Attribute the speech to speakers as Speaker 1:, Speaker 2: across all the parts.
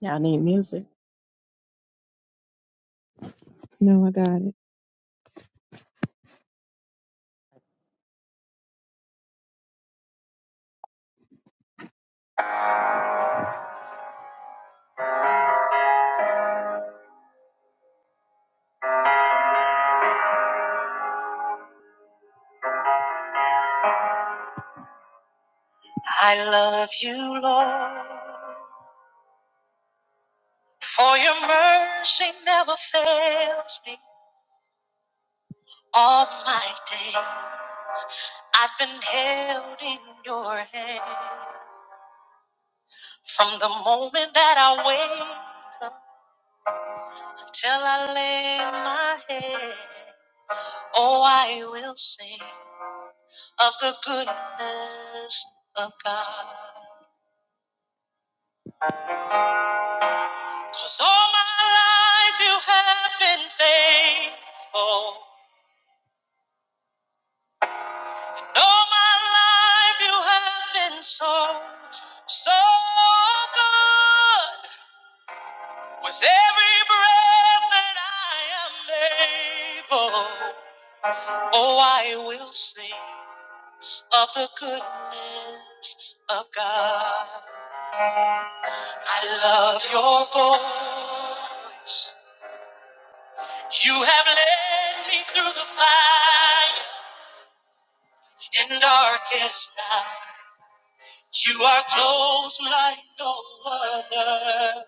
Speaker 1: Y'all need music.
Speaker 2: No, I got it. I love you, Lord, for your mercy never fails me. All my days I've been held in your hand. From the moment that I wake up till I lay my head, oh, I will sing of the goodness of God. 'Cause all my life you have been faithful. All my life you have been so, so good. With every breath that I am able, oh, I will sing of the goodness of God. I love your voice. You have led me through the fire and darkest night. You are close like no other.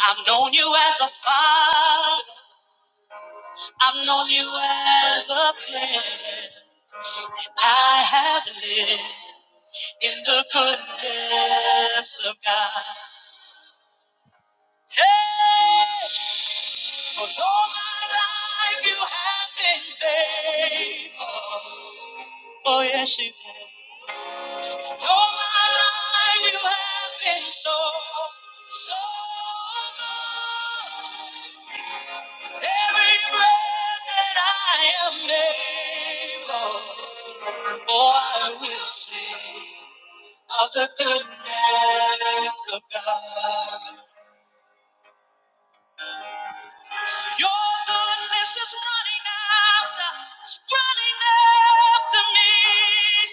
Speaker 2: I've known you as a father. I've known you as a friend. I have lived in the goodness of God. Hey, cause all my life you have been faithful. Oh, yes, you have. All my life you have been so, so good. Every breath that I am able, oh, I will sing of the goodness of God. Your goodness is running after, it's running after me.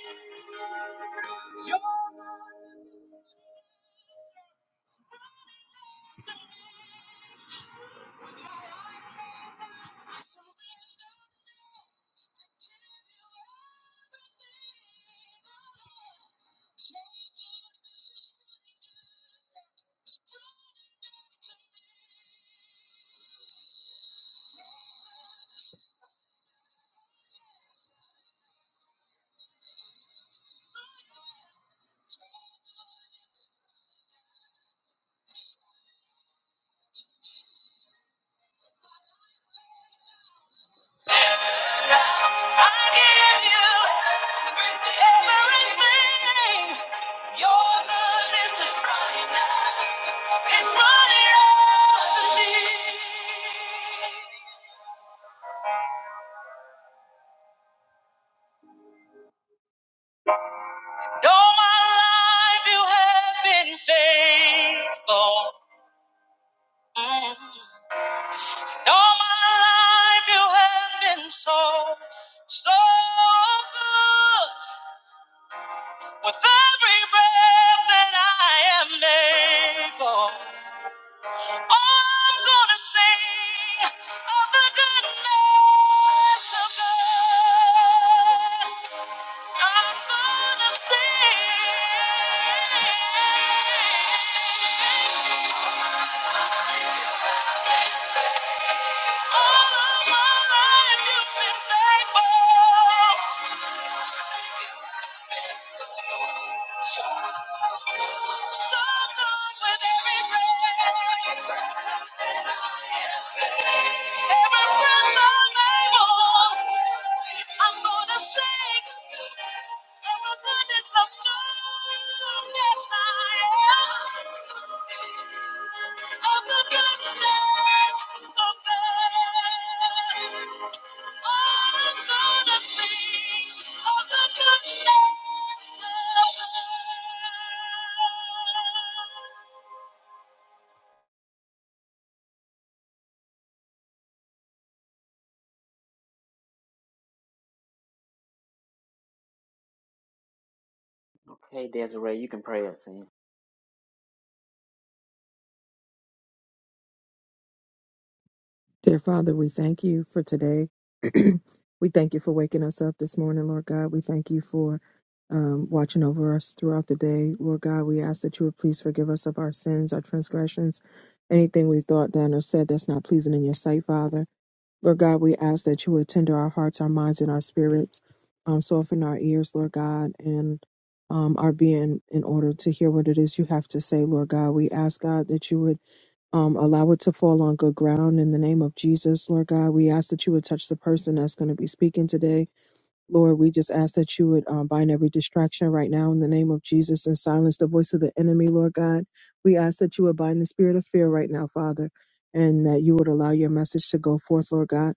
Speaker 2: I give you everything. Your goodness is running out. It's running out of me. Though my life you have been faithful. Mm. my life you have been so, so good. With every breath that I am able. I'm gonna sing of the goodness of God. I'm gonna sing all of my life you've been faithful. So good, so good with every breath. Every breath I hold, I'm gonna sing. Ever since I'm gone, yes I am. Of the goodness of God, I'm gonna sing. Of the goodness of God.
Speaker 3: Okay, Desiree, you can pray us in.
Speaker 2: Dear Father, we thank you for today. we thank you for waking us up this morning, Lord God. We thank you for um, watching over us throughout the day. Lord God, we ask that you would please forgive us of our sins, our transgressions, anything we've thought, done, or said that's not pleasing in your sight, Father. Lord God, we ask that you would tender our hearts, our minds, and our spirits, um, soften our ears, Lord God, and um, our being in order to hear what it is you have to say, Lord God. We ask, God, that you would um, allow it to fall on good ground in the name of Jesus, Lord God. We ask that you would touch the person that's going to be speaking today. Lord, we just ask that you would um, bind every distraction right now in the name of Jesus and silence the voice of the enemy, Lord God. We ask that you would bind the spirit of fear right now, Father, and that you would allow your message to go forth, Lord God.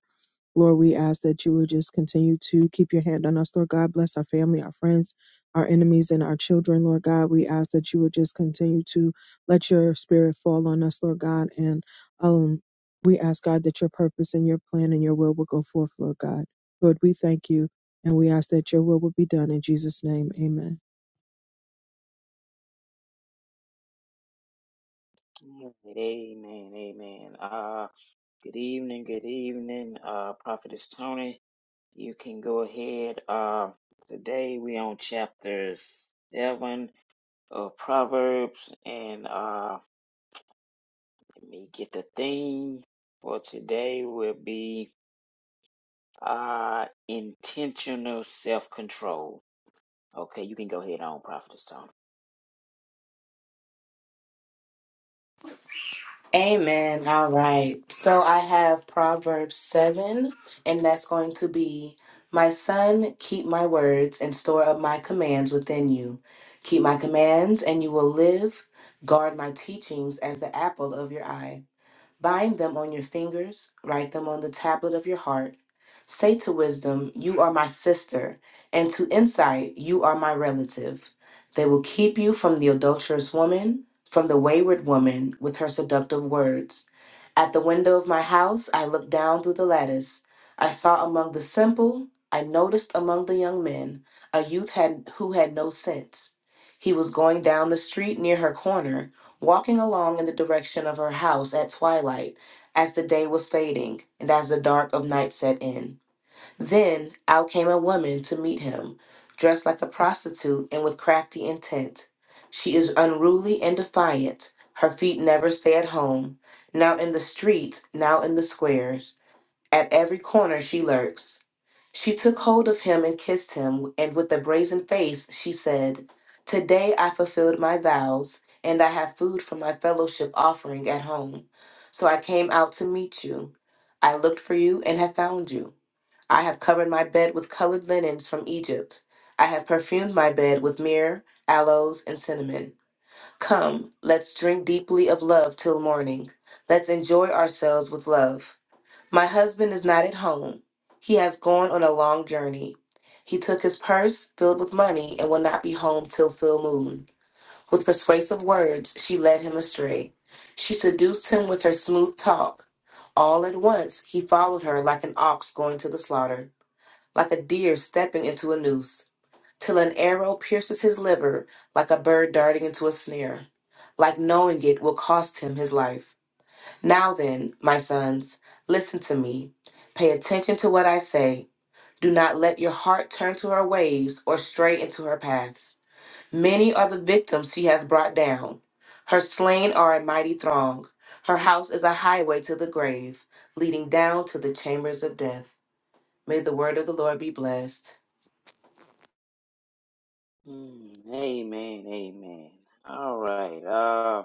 Speaker 2: Lord, we ask that you would just continue to keep your hand on us, Lord God. Bless our family, our friends, our enemies, and our children, Lord God. We ask that you would just continue to let your spirit fall on us, Lord God. And um, we ask, God, that your purpose and your plan and your will will go forth, Lord God. Lord, we thank you and we ask that your will will be done in Jesus' name. Amen.
Speaker 3: Amen, amen. Uh, good evening, good evening, uh, Prophetess Tony. You can go ahead. Uh, today we on chapter seven of Proverbs, and uh, let me get the theme for today will be uh intentional self control. Okay, you can go ahead on, Prophetess Tony.
Speaker 4: Amen. All right. So I have Proverbs 7, and that's going to be My son, keep my words and store up my commands within you. Keep my commands, and you will live. Guard my teachings as the apple of your eye. Bind them on your fingers, write them on the tablet of your heart. Say to wisdom, You are my sister, and to insight, You are my relative. They will keep you from the adulterous woman, from the wayward woman with her seductive words. At the window of my house, I looked down through the lattice. I saw among the simple, I noticed among the young men, a youth had, who had no sense. He was going down the street near her corner, walking along in the direction of her house at twilight, as the day was fading and as the dark of night set in. Then out came a woman to meet him, dressed like a prostitute and with crafty intent. She is unruly and defiant. Her feet never stay at home. Now in the streets, now in the squares. At every corner she lurks. She took hold of him and kissed him, and with a brazen face she said, Today I fulfilled my vows, and I have food for my fellowship offering at home. So I came out to meet you. I looked for you and have found you. I have covered my bed with colored linens from Egypt. I have perfumed my bed with myrrh, aloes, and cinnamon. Come, let's drink deeply of love till morning. Let's enjoy ourselves with love. My husband is not at home. He has gone on a long journey. He took his purse filled with money and will not be home till full moon. With persuasive words, she led him astray. She seduced him with her smooth talk. All at once, he followed her like an ox going to the slaughter like a deer stepping into a noose, till an arrow pierces his liver like a bird darting into a snare, like knowing it will cost him his life. Now then, my sons, listen to me. Pay attention to what I say. Do not let your heart turn to her ways or stray into her paths. Many are the victims she has brought down. Her slain are a mighty throng. Her house is a highway to the grave, leading down to the chambers of death. May the word of the Lord be blessed.
Speaker 3: Mm, amen, amen. All right. uh.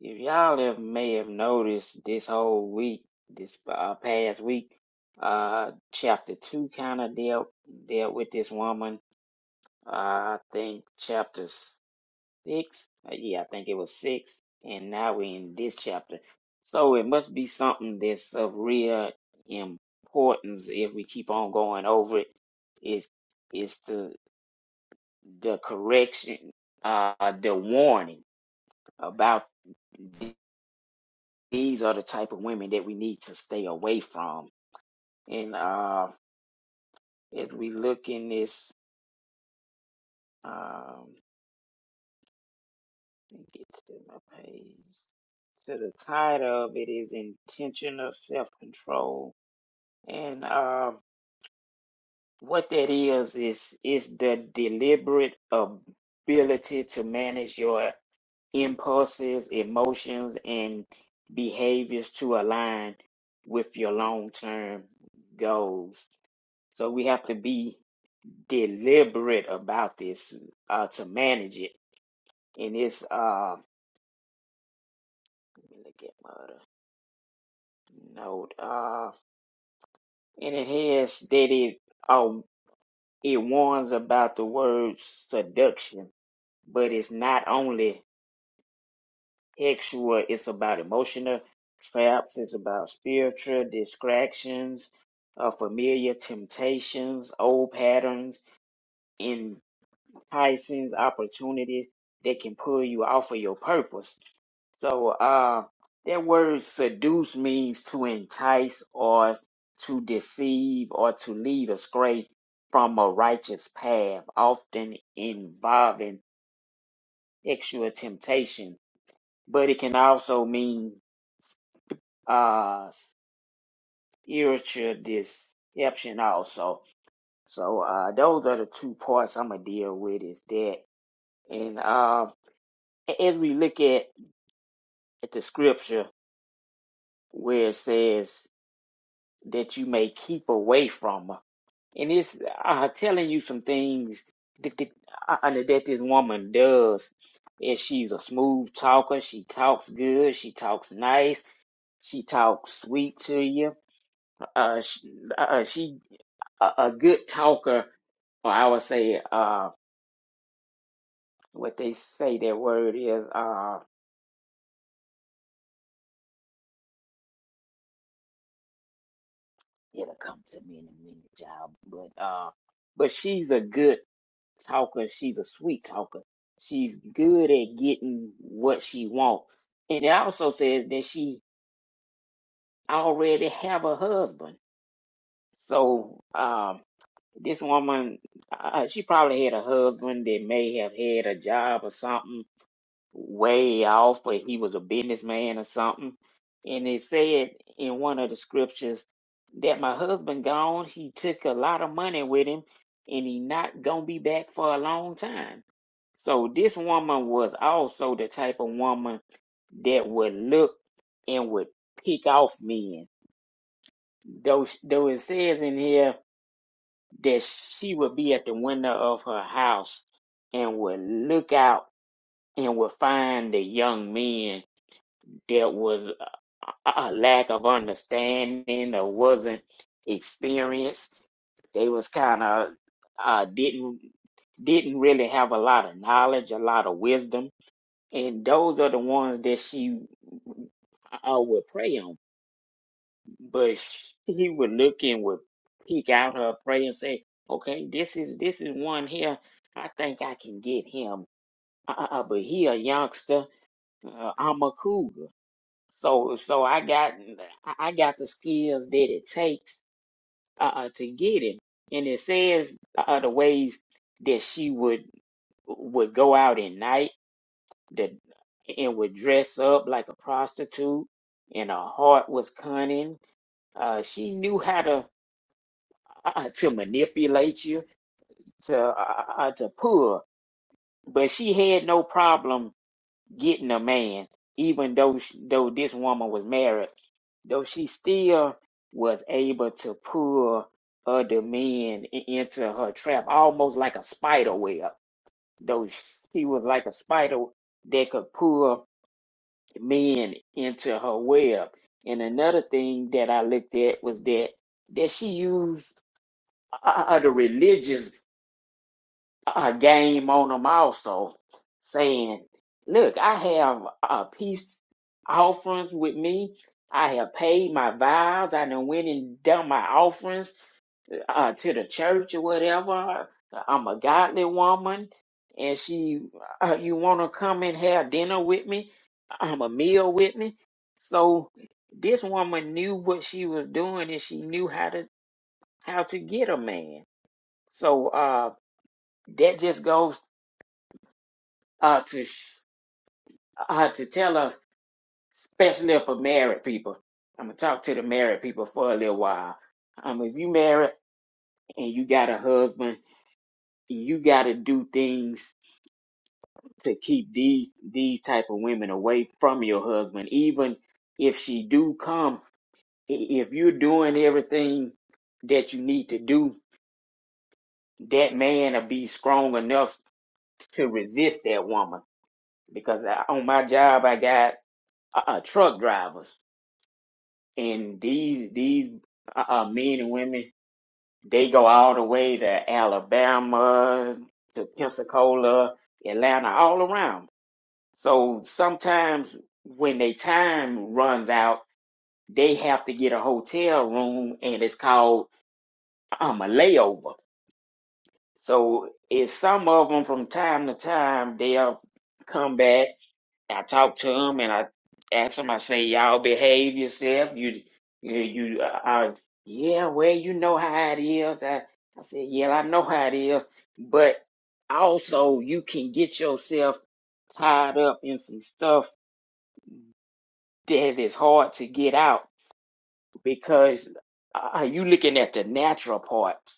Speaker 3: If y'all have may have noticed this whole week, this uh, past week, uh, chapter two kind of dealt dealt with this woman. Uh, I think chapter six. Uh, yeah, I think it was six, and now we're in this chapter. So it must be something that's of real importance if we keep on going over it. Is is the the correction, uh, the warning about. these are the type of women that we need to stay away from. And uh, as we look in this, um, let me get to my page. So the title of it is intentional self control, and uh, what that is is is the deliberate ability to manage your impulses, emotions, and behaviors to align with your long term goals. So we have to be deliberate about this uh, to manage it. And it's uh, let me look at my other note. Uh, and it has that it uh, it warns about the word seduction, but it's not only sexual. It's about emotional traps. It's about spiritual distractions, uh, familiar temptations, old patterns, enticing opportunities that can pull you off of your purpose So uh, that word seduce means to entice or to deceive or to lead astray from a righteous path, often involving sexual temptation. But it can also mean uh, spiritual deception also. So uh, those are the two parts I'm gonna deal with is that. And uh, as we look at, at the scripture where it says that you may keep away from. And it's uh, telling you some things that, that, uh, that this woman does. And she's a smooth talker. She talks good. She talks nice. She talks sweet to you. Uh, she, uh, she a, a good talker, or I would say, uh, what they say that word is, uh, it'll come to me in a minute, child. But uh, but she's a good talker. She's a sweet talker. She's good at getting what she wants. And it also says that she already have a husband. So um, this woman, uh, she probably had a husband that may have had a job or something way off, but he was a businessman or something. And it said in one of the scriptures that my husband gone, he took a lot of money with him, and he not gonna be back for a long time. So this woman was also the type of woman that would look and would pick off men. Though, though it says in here that she would be at the window of her house and would look out and would find the young men there was a a lack of understanding or wasn't experienced. They was kind of uh, didn't didn't really have a lot of knowledge, a lot of wisdom, and those are the ones that she uh, would pray on. But she would look and would peek out her prayer and say, "Okay, this is this is one here. I think I can get him." Uh, uh, uh, but he a youngster. Uh, I'm a cougar. So so I got I got the skills that it takes uh, uh, to get him, and it says uh, the ways that she would would go out at night that and would dress up like a prostitute, and her heart was cunning. Uh, she knew how to uh, to manipulate you to uh, uh, to pull, but she had no problem getting a man, even though sh though this woman was married, though she still was able to pull other men i- into her trap, almost like a spider web. Though she was like a spider that could pull men into her web. And another thing that I looked at was that that she used o- o- other religions a game on them also, saying, "Look, I have uh, peace offerings with me. I have paid my vows. I done went and done my offerings uh, to the church or whatever. I'm a godly woman, and she, uh, you want to come and have dinner with me? i a meal with me." So this woman knew what she was doing, and she knew how to how to get a man. So uh, that just goes uh, to sh- uh, to tell us, especially for married people. I'm gonna talk to the married people for a little while. Um, if you married and you got a husband, you got to do things to keep these these type of women away from your husband, even if she do come. i- If you're doing everything that you need to do, that man will be strong enough to resist that woman. Because I, on my job, I got uh, uh, truck drivers and these these uh, uh, men and women they go all the way to Alabama, to Pensacola, Atlanta, all around. So sometimes when their time runs out, they have to get a hotel room, and it's called um, a layover. So it's some of them from time to time they'll come back I talk to them and I ask them. I say, "Y'all behave yourself. You, you, you uh, uh, yeah. Well, you know how it is." I, I said, "Yeah, I know how it is, but also you can get yourself tied up in some stuff that is hard to get out because uh, you looking at the natural part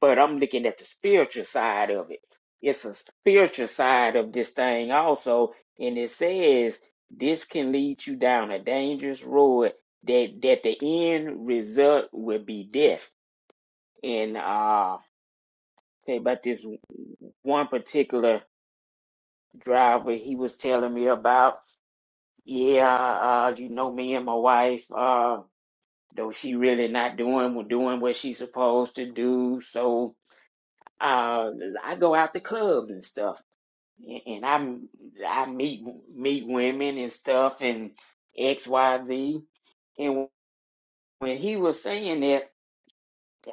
Speaker 3: but I'm looking at the spiritual side of it. It's a spiritual side of this thing also, and it says this can lead you down a dangerous road that that the end result will be death. And uh say about this one particular driver he was telling me about, yeah, uh, you know me and my wife, uh, though she really not doing doing what she's supposed to do, so uh I go out to clubs and stuff Yeah, and I I meet meet women and stuff and X Y Z. And when he was saying that,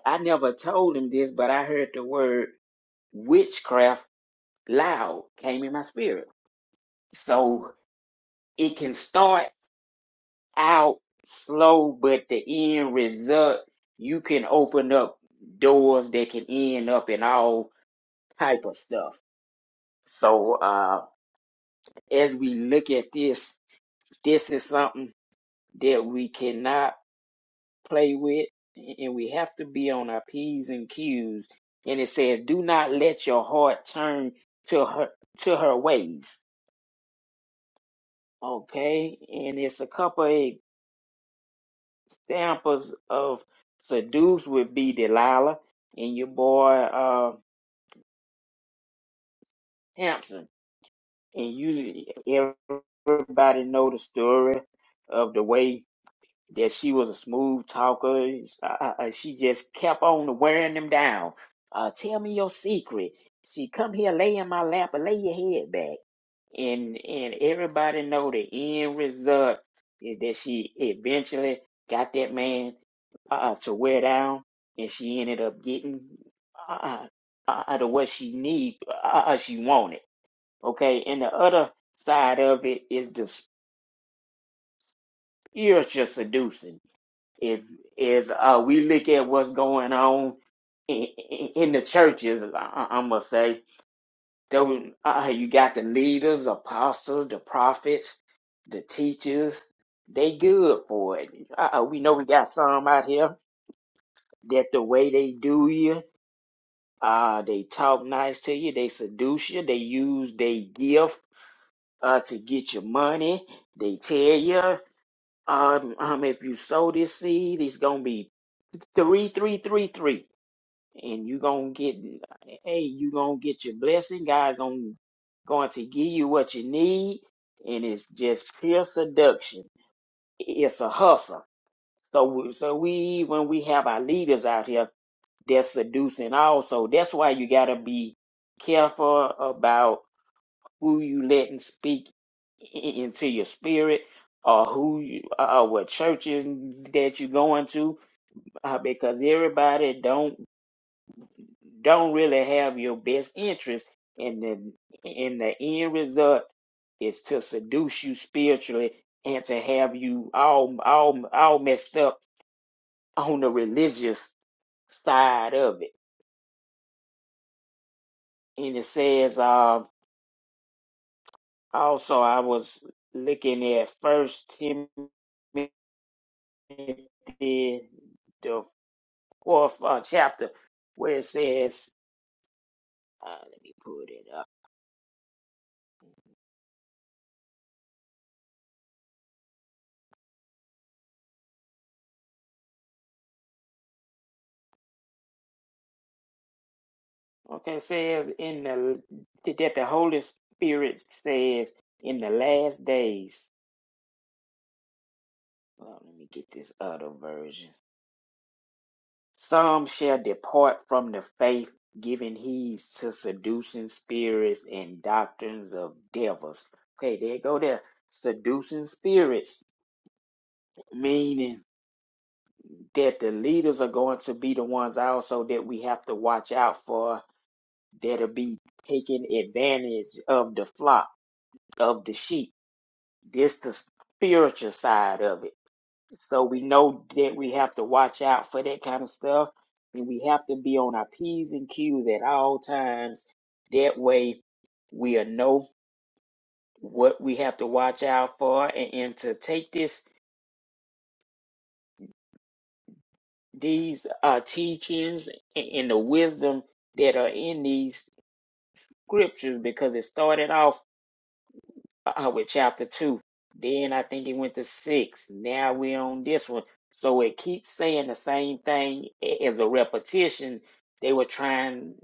Speaker 3: I never told him this, but I heard the word witchcraft loud came in my spirit. So it can start out slow, but the end result you can open up doors that can end up in all type of stuff. So uh, as we look at this, this is something. that we cannot play with, and we have to be on our P's and Q's. And it says, "Do not let your heart turn to her to her ways." Okay, and it's a couple of examples of seduce would be Delilah and your boy uh, Hampson, and you everybody know the story of the way that she was a smooth talker. Uh, uh, uh, she just kept on wearing them down. Uh, tell me your secret. She come here, lay in my lap, and lay your head back. And and everybody know the end result is that she eventually got that man uh, uh, to wear down, and she ended up getting uh, uh, uh, uh, the what she need, uh, uh, she wanted. Okay, and the other side of it is the spiritual seducing if is uh, we look at what's going on in, in in the churches, I, I must say, there were- uh, you got the leaders, apostles, the prophets, the teachers. They good for it. Uh, uh, we know we got some out here that the way they do you, uh, they talk nice to you, they seduce you, they use their gift uh, to get your money. They tell you um, um, if you sow this seed, it's gonna be three, three, three, three. and you gonna get hey you gonna get your blessing god gonna going to give you what you need and it's just pure seduction it's a hustle so we- so we when we have our leaders out here they're seducing also that's why you got to be careful about who you letting speak i- into your spirit or who you, or what churches that you going to uh, because everybody don't don't really have your best interest and then in the end result is to seduce you spiritually and to have you all all all messed up on the religious side of it and it says um also i was looking at first timothy the fourth uh, chapter where it says uh, let me put it up Okay, it says in the that the Holy Spirit says in the last days. Well, let me get this other version. Some shall depart from the faith, giving heed to seducing spirits and doctrines of devils. Okay, there you go there. Seducing spirits, meaning that the leaders are going to be the ones also that we have to watch out for that'll be taking advantage of the flock, of the sheep This the spiritual side of it. So we know that we have to watch out for that kind of stuff, and we have to be on our p's and q's at all times. That way, we'll know what we have to watch out for, and, and to take this these uh, teachings and, and the wisdom that are in these scriptures, because it started off uh, with chapter two. Then I think it went to six. Now we're on this one. So it keeps saying the same thing as a repetition. They were trying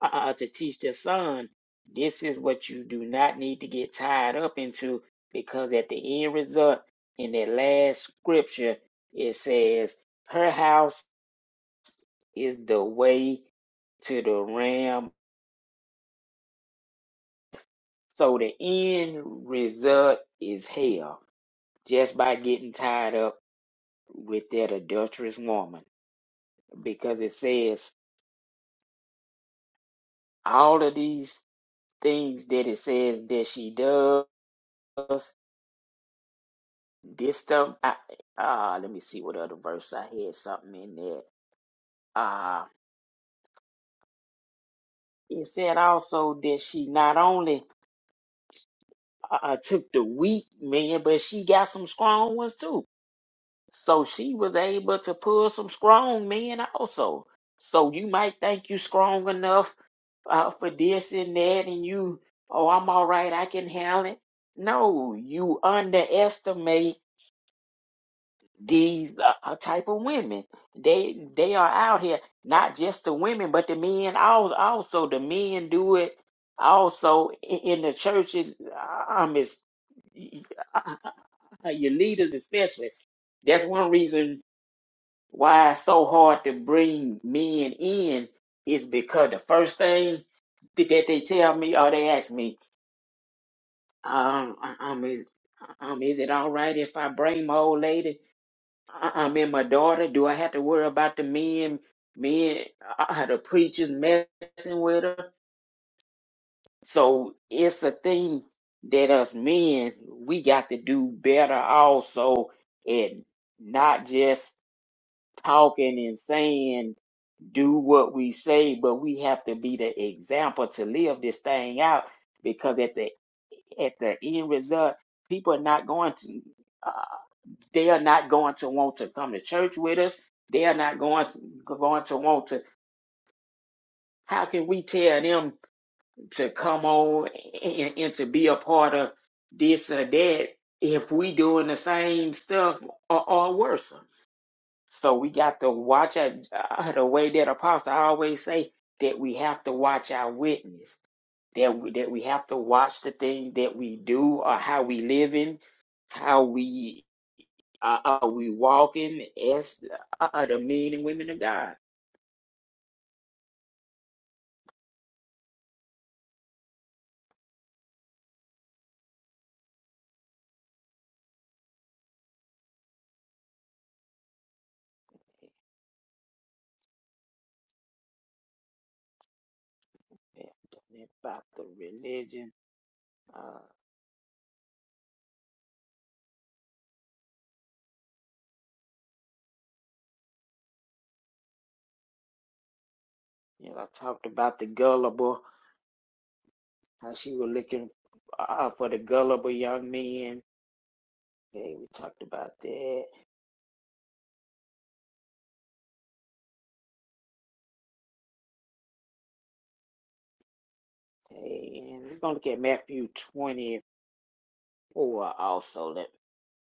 Speaker 3: uh, uh, to teach their son this is what you do not need to get tied up into because at the end result in that last scripture it says her house is the way to the ram so the end result is hell just by getting tied up with that adulterous woman because it says all of these things that it says that she does this stuff I, uh let me see what other verse i had something in there uh it said also that she not only uh, uh, took the weak man, but she got some strong ones too So she was able to pull some strong men also. So you might think you strong enough uh, for this and that, and you, oh, I'm all right, I can handle it. No, you underestimate these uh, uh, type of women. They they are out here, not just the women, but the men also. Also, the men do it also in, in the churches. uh, Um, is your leaders especially. That's one reason why it's so hard to bring men in is because the first thing that they tell me or they ask me, um, um, is, um, is it all right if I bring my old lady? Uh, Um, and my daughter, do I have to worry about the men, men, uh, the preachers messing with her? So it's a thing that us men, we got to do better also at not just talking and saying do what we say, but we have to be the example to live this thing out because at the at the end result, people are not going to uh, they are not going to want to come to church with us. They are not going to going to want to how can we tell them to come on and, and to be a part of this or that if we doing the same stuff or, or worse? So we got to watch our, uh, the way that Apostle always say that we have to watch our witness, that we, that we have to watch the things that we do or how we living, how we uh, are we walking as uh, uh, the men and women of God. Yeah, About the religion, uh, you know, I talked about the gullible, how she was looking uh, for the gullible young men. Hey, we talked about that. Hey, and we're gonna look at Matthew 20 Or also, let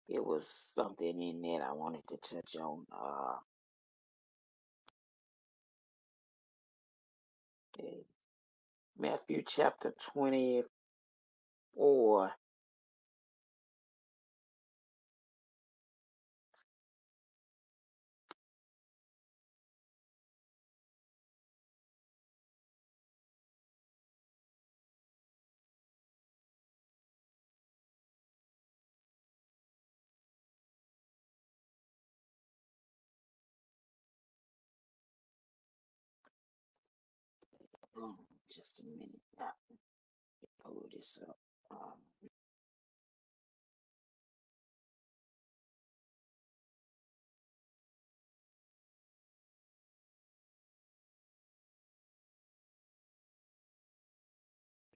Speaker 3: it was something in there that I wanted to touch on. Uh, in Matthew chapter 24. Um, just a minute. I pull this up. Um,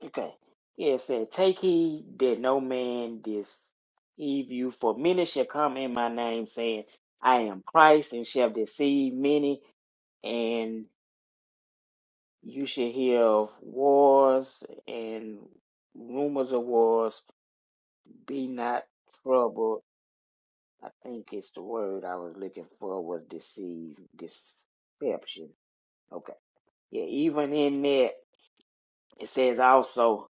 Speaker 3: okay. Yeah, it said, Take heed that no man deceive you, for many shall come in my name, saying, I am Christ, and shall deceive many. And you shall hear of wars and rumors of wars. Be not troubled I think it's the word I was looking for was deceive, deception. Okay. Yeah, even in that, it says also,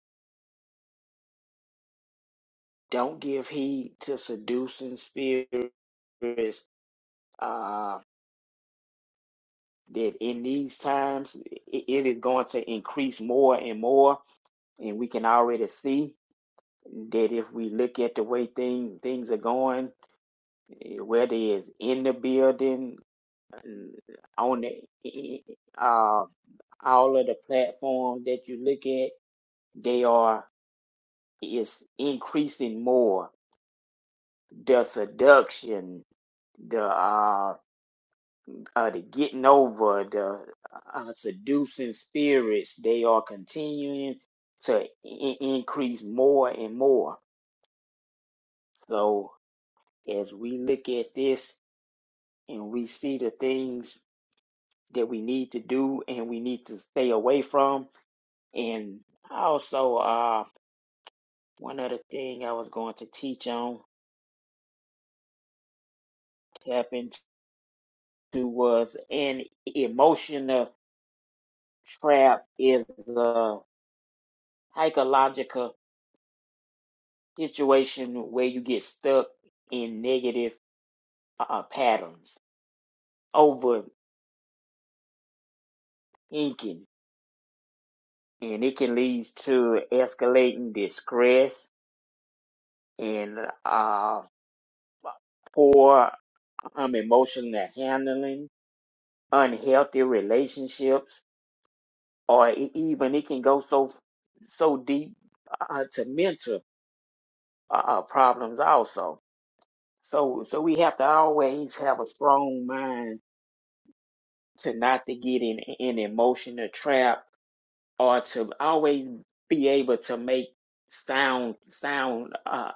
Speaker 3: don't give heed to seducing spirits, uh, that in these times, it, it is going to increase more and more. And we can already see that if we look at the way thing, things are going, eh, whether it's in the building, eh, on the, eh, eh, eh, uh, all of the platforms that you look at, they are is increasing more. The seduction, the uh, uh the getting over, the uh, seducing spirits, they are continuing to I- increase more and more. So as we look at this and we see the things that we need to do and we need to stay away from, and also uh one other thing I was going to teach on tap into was an emotional trap is a psychological situation where you get stuck in negative uh, patterns, overthinking, and it can lead to escalating distress and uh, poor um, emotional handling, unhealthy relationships, or e- even it can go so so deep uh, to mental uh, problems also So so we have to always have a strong mind to not to get in an emotional trap or to always be able to make sound sound uh,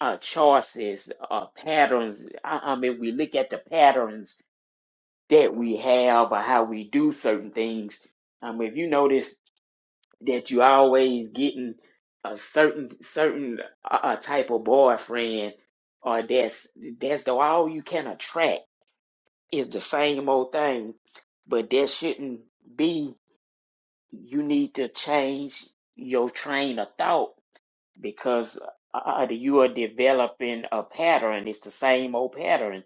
Speaker 3: uh choices uh patterns. I, I mean we look at the patterns that we have or how we do certain things. Um if you notice that you always getting a certain certain uh, uh, type of boyfriend or that's that's the all you can attract It's the same old thing, but that shouldn't be. You need to change your train of thought because uh, you are developing a pattern. It's the same old pattern,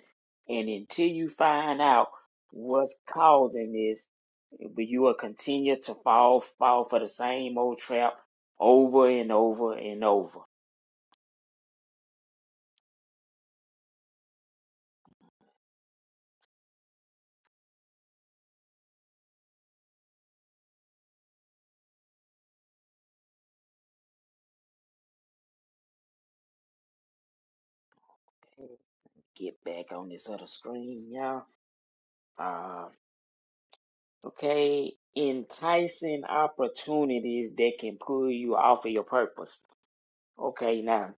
Speaker 3: and until you find out what's causing this, but you will continue to fall fall for the same old trap over and over and over. Get back on this other screen, y'all. Uh, okay? Enticing opportunities that can pull you off of your purpose. Okay, now,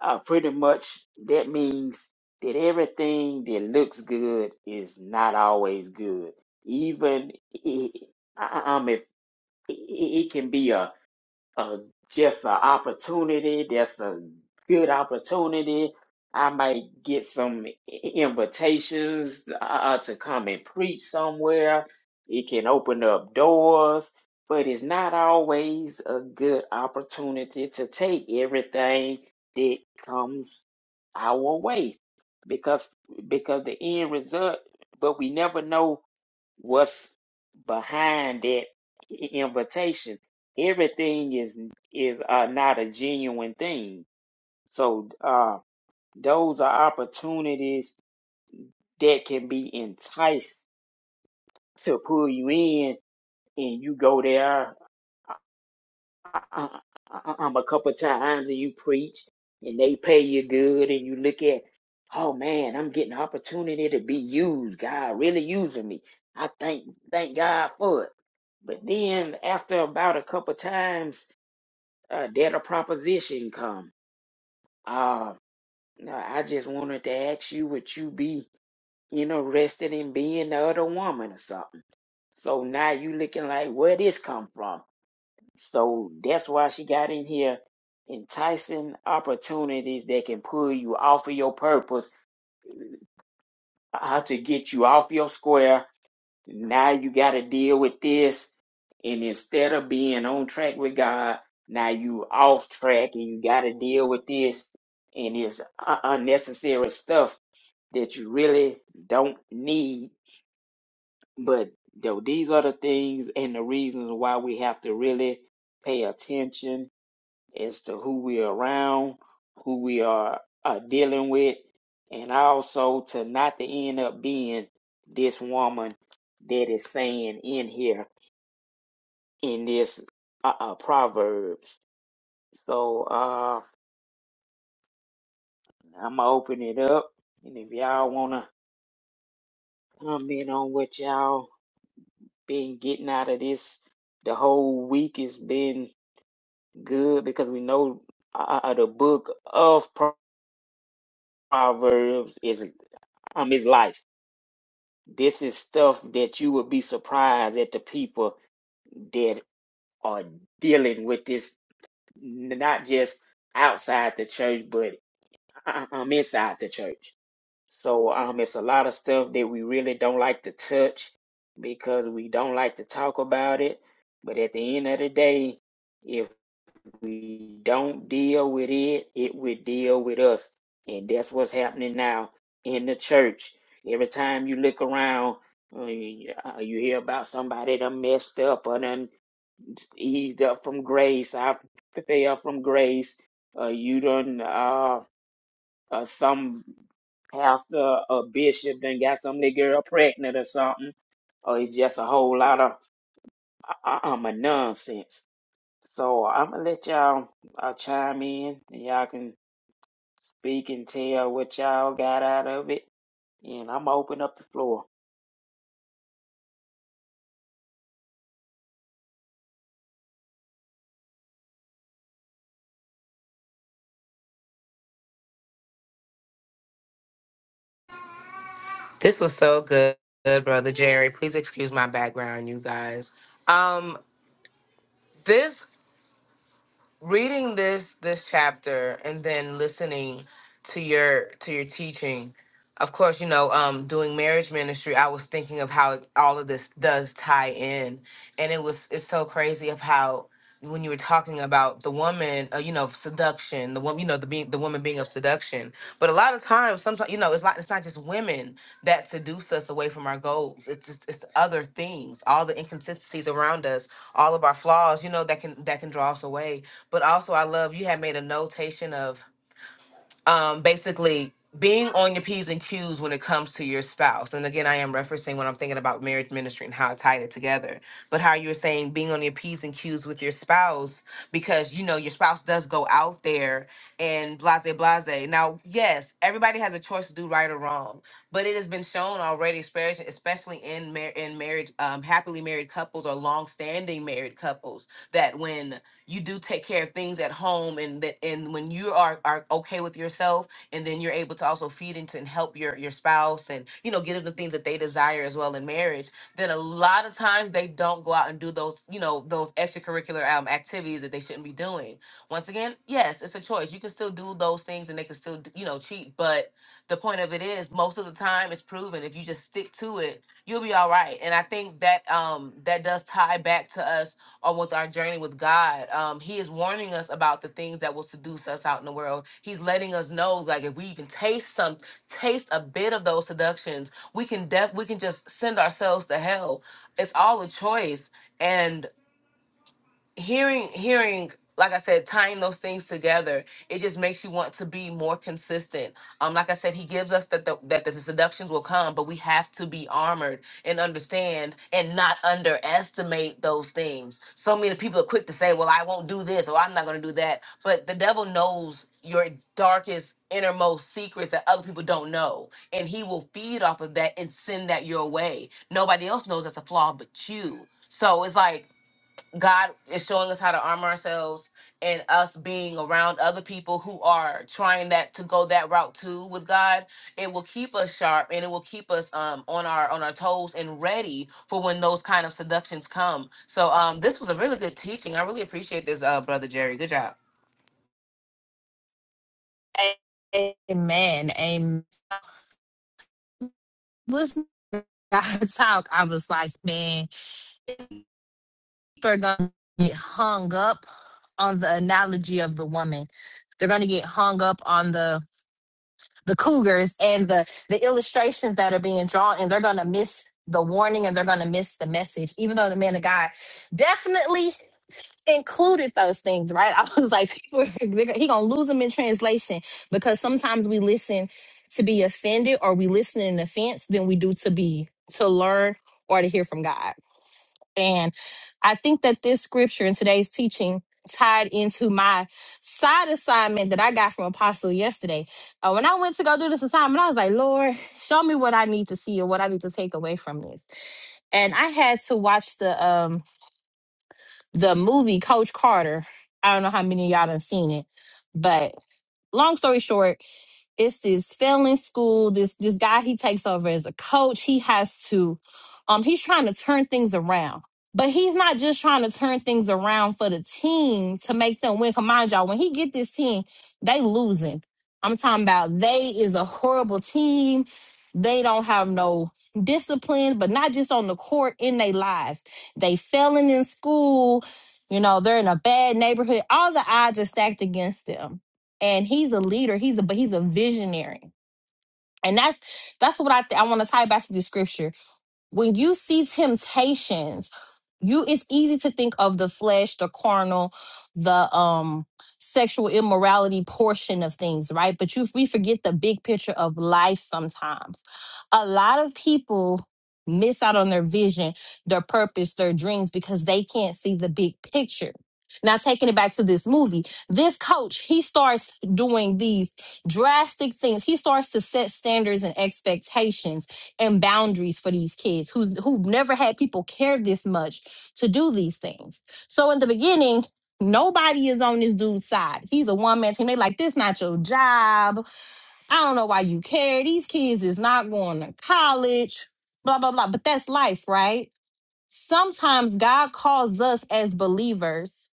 Speaker 3: uh, pretty much that means that everything that looks good is not always good. Even, it um, if i- it can be a a just an opportunity that's a good opportunity i might get some invitations uh, to come and preach somewhere it can open up doors but it's not always a good opportunity to take everything that comes our way because because the end result but we never know what's behind that invitation. Everything is is uh, not a genuine thing. So uh, those are opportunities that can be enticed to pull you in, and you go there I, I, I'm a couple times and you preach and they pay you good and you look at, oh man, I'm getting an opportunity to be used. God really using me. I thank thank God for it. But then after about a couple times, uh, that a proposition come. Uh, no, I just wanted to ask you, would you be interested in being the other woman or something? So now you looking like where this come from? So that's why she got in here enticing opportunities that can pull you off of your purpose, uh, how to get you off your square. Now you got to deal with this. And instead of being on track with God, now you off track and you got to deal with this. And it's un- unnecessary stuff that you really don't need. But though these are the things and the reasons why we have to really pay attention as to who we are around, who we are, are dealing with, and also to not to end up being this woman that is saying in here in this uh, uh, Proverbs. So uh, I'm gonna open it up, and if y'all wanna comment on what y'all been getting out of this, the whole week has been good because we know uh, uh, the book of Proverbs is um is life. This is stuff that you would be surprised at the people that are dealing with this, not just outside the church, but uh, um, inside the church. So um, it's a lot of stuff that we really don't like to touch because we don't like to talk about it. But at the end of the day, if we don't deal with it, it will deal with us. And that's what's happening now in the church. Every time you look around, uh, you uh, you hear about somebody that messed up or done eased up from grace. I fell from grace. Uh, you done, uh, uh, some pastor or bishop done got some little girl pregnant or something. Or it's just a whole lot of uh, uh, nonsense. So I'm going to let y'all uh, chime in and y'all can Speak and tell what y'all got out of it. And I'm open up the floor.
Speaker 4: This was so good, good, brother Jerry. Please excuse my background, you guys. Um, this reading this this chapter and then listening to your to your teaching of course you know um doing marriage ministry i was thinking of how all of this does tie in and it was it's so crazy of how when you were talking about the woman uh, you know seduction the woman you know the being the woman being of seduction but a lot of times sometimes you know it's not it's not just women that seduce us away from our goals it's it's, it's other things all the inconsistencies around us all of our flaws you know that can that can draw us away but also I love you had made a notation of um basically being on your P's and Q's when it comes to your spouse. And again, I am referencing when I'm thinking about marriage ministry and how I tied it together. But how you were saying being on your P's and Q's with your spouse because you know your spouse does go out there and blase blase. Now, yes, everybody has a choice to do right or wrong, but it has been shown already, especially especially in mar- in marriage, um, happily married couples or long standing married couples, that when you do take care of things at home and that and when you are are okay with yourself and then you're able to also feed into and help your your spouse and you know give them the things that they desire as well in marriage then a lot of times they don't go out and do those you know those extracurricular um, activities that they shouldn't be doing once again yes it's a choice you can still do those things and they can still you know cheat but the point of it is most of the time it's proven if you just stick to it you'll be all right and i think that um that does tie back to us on with our journey with God. Um, he is warning us about the things that will seduce us out in the world. He's letting us know, like if we even taste some, taste a bit of those seductions, we can def we can just send ourselves to hell. It's all a choice. And hearing hearing like i said tying those things together it just makes you want to be more consistent um like i said he gives us that the, that the seductions will come but we have to be armored and understand and not underestimate those things so many people are quick to say well i won't do this or i'm not going to do that but the devil knows your darkest innermost secrets that other people don't know and he will feed off of that and send that your way nobody else knows that's a flaw but you so it's like God is showing us how to arm ourselves and us being around other people who are trying that to go that route too with God, it will keep us sharp and it will keep us um on our on our toes and ready for when those kind of seductions come. So um this was a really good teaching. I really appreciate this uh brother Jerry. Good job.
Speaker 5: Amen. Amen. Listen to God talk. I was like, man, people are gonna get hung up on the analogy of the woman. They're gonna get hung up on the the cougars and the the illustrations that are being drawn, and they're gonna miss the warning and they're gonna miss the message. Even though the man of God definitely included those things, right? I was like, people, they're- he gonna lose them in translation because sometimes we listen to be offended, or we listen in offense than we do to be to learn or to hear from God. And I think that this scripture and today's teaching tied into my side assignment that I got from Apostle yesterday. Uh, when I went to go do this assignment, I was like, Lord, show me what I need to see or what I need to take away from this. And I had to watch the um the movie Coach Carter. I don't know how many of y'all done seen it, but long story short, it's this failing school this this guy he takes over as a coach he has to um he's trying to turn things around but he's not just trying to turn things around for the team to make them win. 'Cause Mind y'all, when he get this team, they losing. I'm talking about they is a horrible team. They don't have no discipline, but not just on the court, in their lives. They failing in school. You know, they're in a bad neighborhood. All the odds are stacked against them and he's a leader he's a but he's a visionary and that's that's what i th- i want to tie back to the scripture when you see temptations you it's easy to think of the flesh the carnal the um sexual immorality portion of things right but you we forget the big picture of life sometimes a lot of people miss out on their vision their purpose their dreams because they can't see the big picture now taking it back to this movie this coach he starts doing these drastic things he starts to set standards and expectations and boundaries for these kids who's who've never had people care this much to do these things. So in the beginning, nobody is on this dude's side. He's a one man team. They like this not your job. I don't know why you care. These kids is not going to college. Blah blah blah. But that's life, right? sometimes God calls us as believers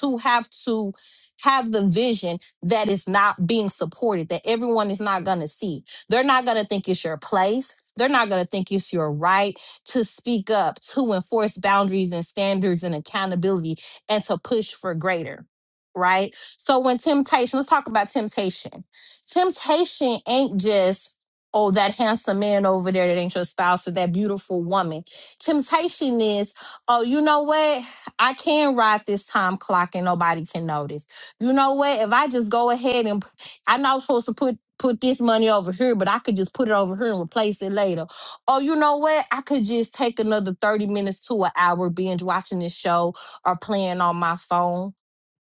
Speaker 5: to have to have the vision that is not being supported, that everyone is not going to see. They're not going to think it's your place. They're not going to think it's your right to speak up, to enforce boundaries and standards and accountability, and to push for greater. Right? So, when temptation, let's talk about temptation. Temptation ain't just, oh, that handsome man over there that ain't your spouse or that beautiful woman Temptation is, oh, you know what? I can ride this time clock and nobody can notice. You know what? If I just go ahead and p- I know I'm supposed to put put this money over here, but I could just put it over here and replace it later. Oh, you know what? I could just take another 30 minutes to an hour binge watching this show or playing on my phone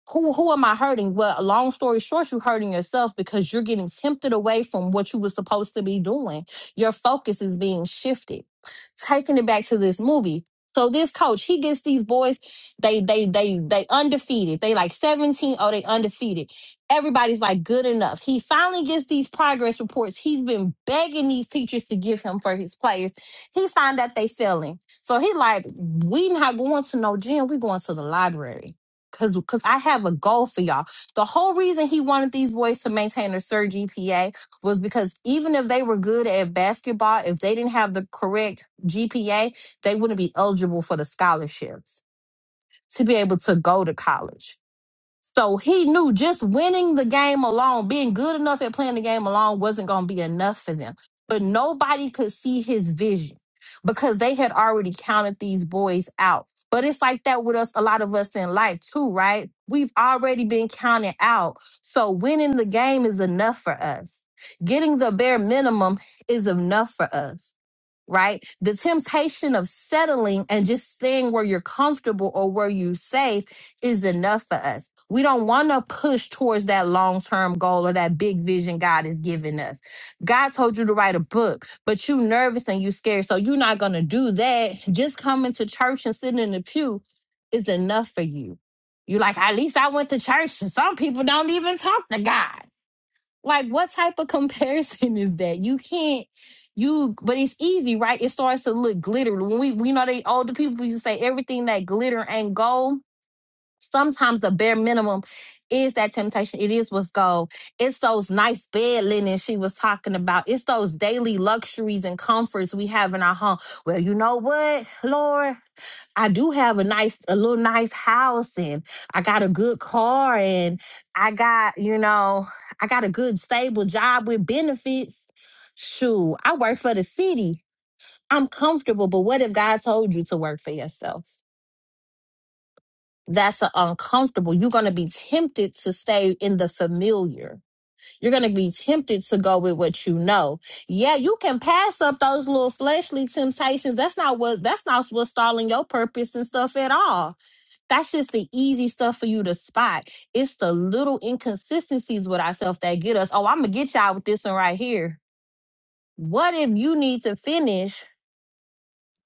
Speaker 5: who who am I hurting? Well, long story short, you're hurting yourself because you're getting tempted away from what you were supposed to be doing. Your focus is being shifted. Taking it back to this movie. So this coach, he gets these boys, they they they they undefeated. They like 17, oh they undefeated. Everybody's like good enough. He finally gets these progress reports. He's been begging these teachers to give him for his players. He find that they failing. So he like, we not going to no gym, we going to the library Cause, cause I have a goal for y'all. The whole reason he wanted these boys to maintain a third GPA was because even if they were good at basketball, if they didn't have the correct GPA, they wouldn't be eligible for the scholarships to be able to go to college. So he knew just winning the game alone, being good enough at playing the game alone, wasn't going to be enough for them. But nobody could see his vision because they had already counted these boys out. But it's like that with us, a lot of us in life too, right? We've already been counted out. So winning the game is enough for us. Getting the bare minimum is enough for us right? The temptation of settling and just staying where you're comfortable or where you're safe is enough for us. We don't want to push towards that long term goal or that big vision God has given us. God told you to write a book, but you nervous and you scared, so you're not going to do that. Just coming to church and sitting in the pew is enough for you. You're like, at least I went to church. Some people don't even talk to God. Like, what type of comparison is that? You can't, you, but it's easy, right? It starts to look glitter. When we, we know they older people used to say everything that glitter ain't gold. Sometimes the bare minimum is that temptation. It is what's gold. It's those nice bed linens she was talking about. It's those daily luxuries and comforts we have in our home. Well, you know what, Lord? I do have a nice, a little nice house, and I got a good car, and I got, you know, I got a good stable job with benefits. Shoot, I work for the city. I'm comfortable, but what if God told you to work for yourself? That's a uncomfortable. You're going to be tempted to stay in the familiar. You're going to be tempted to go with what you know. Yeah, you can pass up those little fleshly temptations. That's not what, that's not what's stalling your purpose and stuff at all that's just the easy stuff for you to spot. It's the little inconsistencies with ourselves that get us. Oh, I'm gonna get y'all with this one right here. What if you need to finish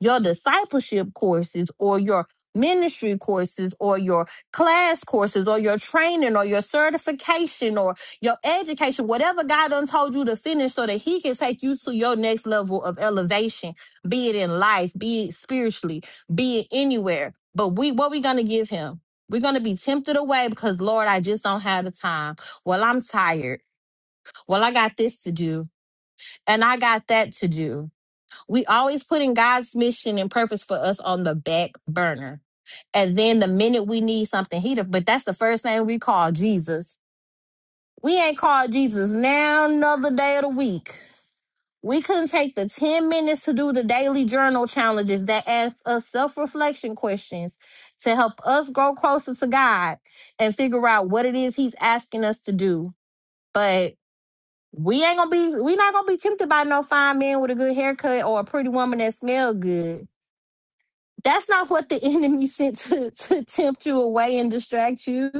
Speaker 5: your discipleship courses or your ministry courses or your class courses or your training or your certification or your education, whatever God done told you to finish so that he can take you to your next level of elevation, be it in life, be it spiritually, be it anywhere. But we what we gonna give him? We're gonna be tempted away because Lord, I just don't have the time. Well, I'm tired. Well, I got this to do and I got that to do we always putting God's mission and purpose for us on the back burner. And then the minute we need something, he, the- but that's the first thing we call Jesus. We ain't called Jesus now, another day of the week. We couldn't take the 10 minutes to do the daily journal challenges that ask us self reflection questions to help us grow closer to God and figure out what it is He's asking us to do. But we ain't gonna be, we not gonna be tempted by no fine man with a good haircut or a pretty woman that smell good That's not what the enemy sent to, to tempt you away and distract you.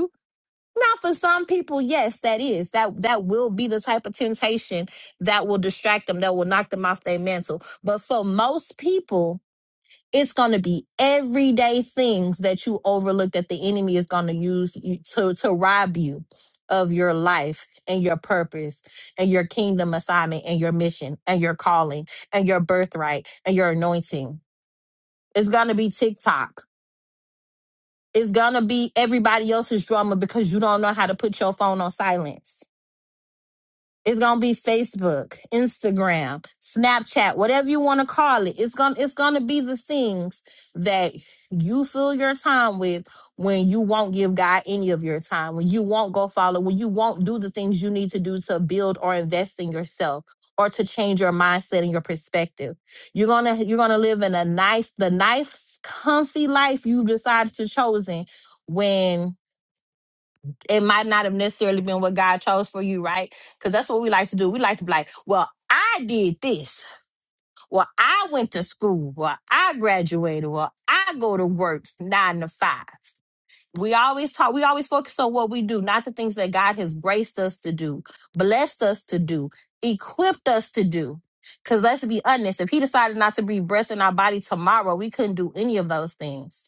Speaker 5: Now, for some people, yes, that is that that will be the type of temptation that will distract them, that will knock them off their mantle. But for most people, it's going to be everyday things that you overlook that the enemy is going to use you- to to rob you of your life and your purpose and your kingdom assignment and your mission and your calling and your birthright and your anointing. It's going to be TikTok it's gonna be everybody else's drama because you don't know how to put your phone on silence. It's gonna be Facebook, Instagram, Snapchat, whatever you want to call it. It's gonna it's gonna be the things that you fill your time with when you won't give God any of your time, when you won't go follow, when you won't do the things you need to do to build or invest in yourself or to change your mindset and your perspective. You're gonna you're gonna live in a nice, the nice, comfy life you decided to chosen when it might not have necessarily been what God chose for you, right? Because that's what we like to do. We like to be like, well, I did this. Well, I went to school. Well, I graduated. Well, I go to work nine to five. We always talk, we always focus on what we do, not the things that God has graced us to do, blessed us to do, equipped us to do. Because let's be honest, if He decided not to breathe breath in our body tomorrow, we couldn't do any of those things.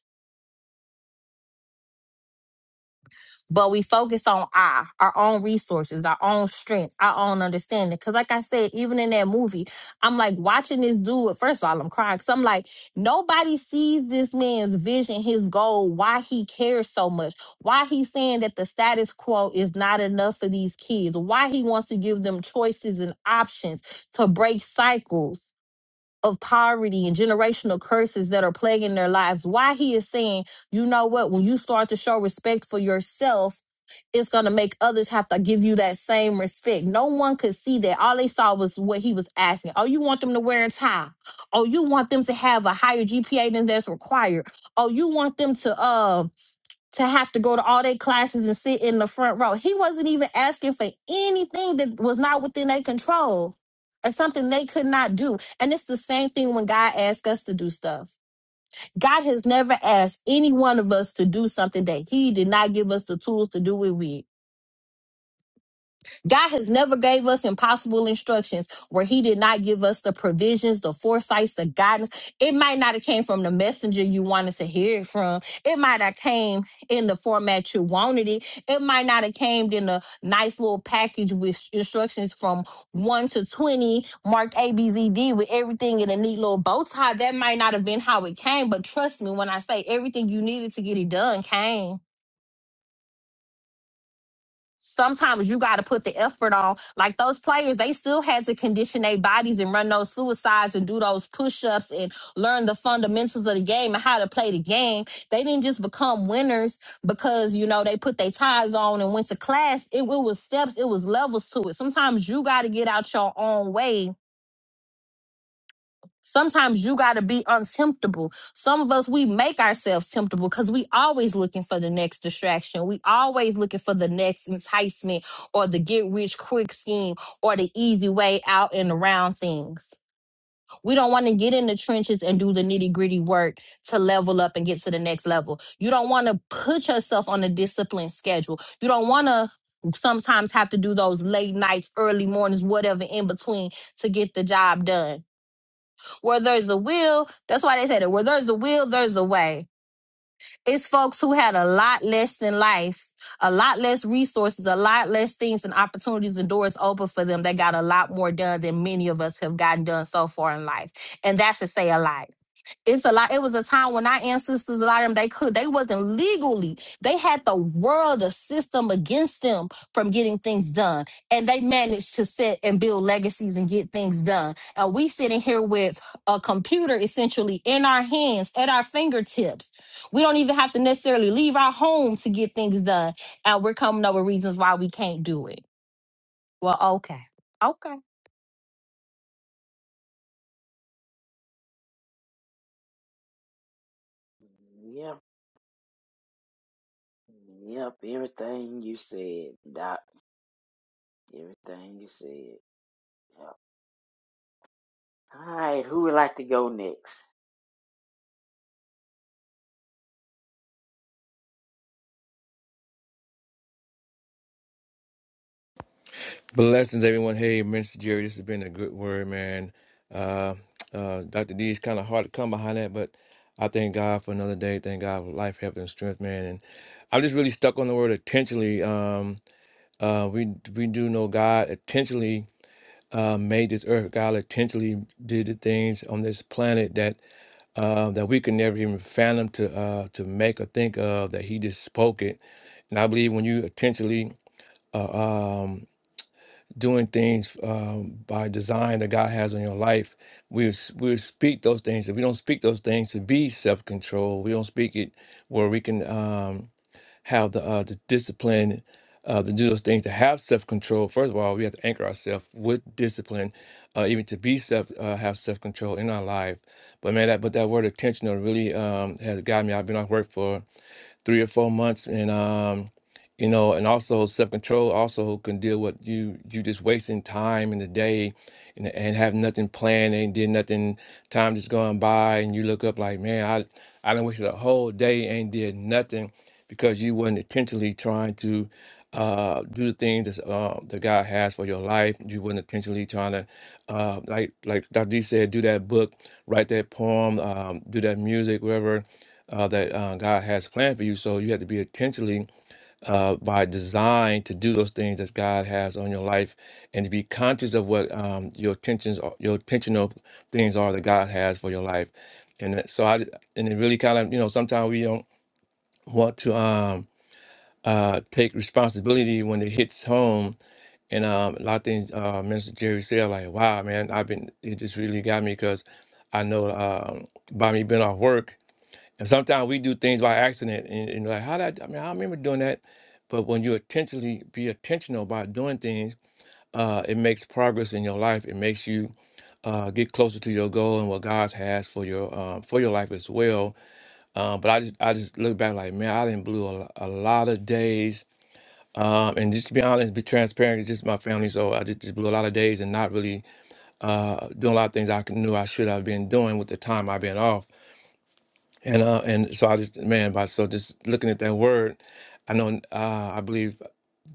Speaker 5: but we focus on I, our own resources, our own strength, our own understanding. Cause like I said, even in that movie, I'm like watching this dude. First of all, I'm crying because I'm like, nobody sees this man's vision, his goal, why he cares so much, why he's saying that the status quo is not enough for these kids, why he wants to give them choices and options to break cycles. Of poverty and generational curses that are plaguing their lives, why he is saying, you know what, when you start to show respect for yourself, it's going to make others have to give you that same respect. No one could see that. All they saw was what he was asking. Oh, you want them to wear a tie? Oh, you want them to have a higher GPA than that's required? Oh, you want them to uh to have to go to all their classes and sit in the front row? He wasn't even asking for anything that was not within their control. or something they could not do. And it's the same thing when God asks us to do stuff. God has never asked any one of us to do something that He did not give us the tools to do it with. God has never gave us impossible instructions where he did not give us the provisions, the foresights, the guidance. It might not have came from the messenger you wanted to hear it from. It might have came in the format you wanted it. It might not have came in a nice little package with instructions from 1 to 20 marked ABZD with everything in a neat little bow tie. That might not have been how it came, but trust me when I say everything you needed to get it done came sometimes you got to put the effort on. Like those players, they still had to condition their bodies and run those suicides and do those push ups and learn the fundamentals of the game and how to play the game. They didn't just become winners because, you know, they put their ties on and went to class. It, it was steps, it was levels to it. Sometimes you got to get out your own way Sometimes you got to be untemptable. Some of us, we make ourselves temptable because we always looking for the next distraction. We always looking for the next enticement or the get rich quick scheme or the easy way out and around things. We don't want to get in the trenches and do the nitty gritty work to level up and get to the next level. You don't want to put yourself on a disciplined schedule. You don't want to sometimes have to do those late nights, early mornings, whatever in between to get the job done where there's a will, that's why they said it. Where there's a will, there's a way. It's folks who had a lot less in life, a lot less resources, a lot less things and opportunities and doors open for them. They got a lot more done than many of us have gotten done so far in life. And that should say a lot it's a lot. It was a time when our ancestors, a lot of them, they could, they wasn't legally. They had the world, the system against them from getting things done, and they managed to set and build legacies and get things done. And we sitting here with a computer essentially in our hands, at our fingertips. We don't even have to necessarily leave our home to get things done, and we're coming up with reasons why we can't do it. Well, okay, okay.
Speaker 3: Yep. Yep. Everything you said, Doc. Everything you said. Yep. All right. Who would like to go next?
Speaker 6: Blessings, everyone. Hey, Minister Jerry, this has been a good word, man. Uh, uh, Dr. D is kind of hard to come behind that, but I thank God for another day. Thank God for life, health, and strength, man. And I'm just really stuck on the word intentionally. Um, uh, we we do know God intentionally uh, made this earth. God intentionally did the things on this planet that uh, that we could never even fathom to uh, to make or think of. That He just spoke it, and I believe when you intentionally. Uh, um, doing things um, by design that God has on your life, we s- we speak those things. If we don't speak those things to be self control, we don't speak it where we can um, have the uh, the discipline uh, to do those things to have self control. First of all, we have to anchor ourselves with discipline, uh, even to be self uh, have self control in our life. But man, that but that word intentional really um, has got me. I've been off work for three or four months, and um, you know and also self-control also can deal with you you just wasting time in the day and, and have nothing planned and did nothing time just going by and you look up like man i i done wasted a whole day and did nothing because you wasn't intentionally trying to uh do the things that's, uh, that god has for your life you wasn't intentionally trying to uh like like dr d said do that book write that poem um do that music whatever uh, that uh, god has planned for you so you have to be intentionally uh, by design to do those things that God has on your life, and to be conscious of what um, your intentions, are, your intentional things are that God has for your life. And that- so I, and it really kind of, you know, sometimes we don't want to um, uh, take responsibility when it hits home. And um, a lot of things uh, Minister Jerry said, like, wow, man, I've been, it just really got me because I know um, by me being off work. And sometimes we do things by accident and, and like how did I, I mean I remember doing that. But when you intentionally be intentional about doing things, uh, it makes progress in your life. It makes you uh, get closer to your goal and what God has for your um, for your life as well. Um, but I just I just look back like man, I didn't blew a, a lot of days. Um, and just to be honest, be transparent, it's just my family. So I just, just blew a lot of days and not really uh, doing a lot of things I knew I should have been doing with the time I've been off. And uh, and so I just man, by so just looking at that word, I know uh, I believe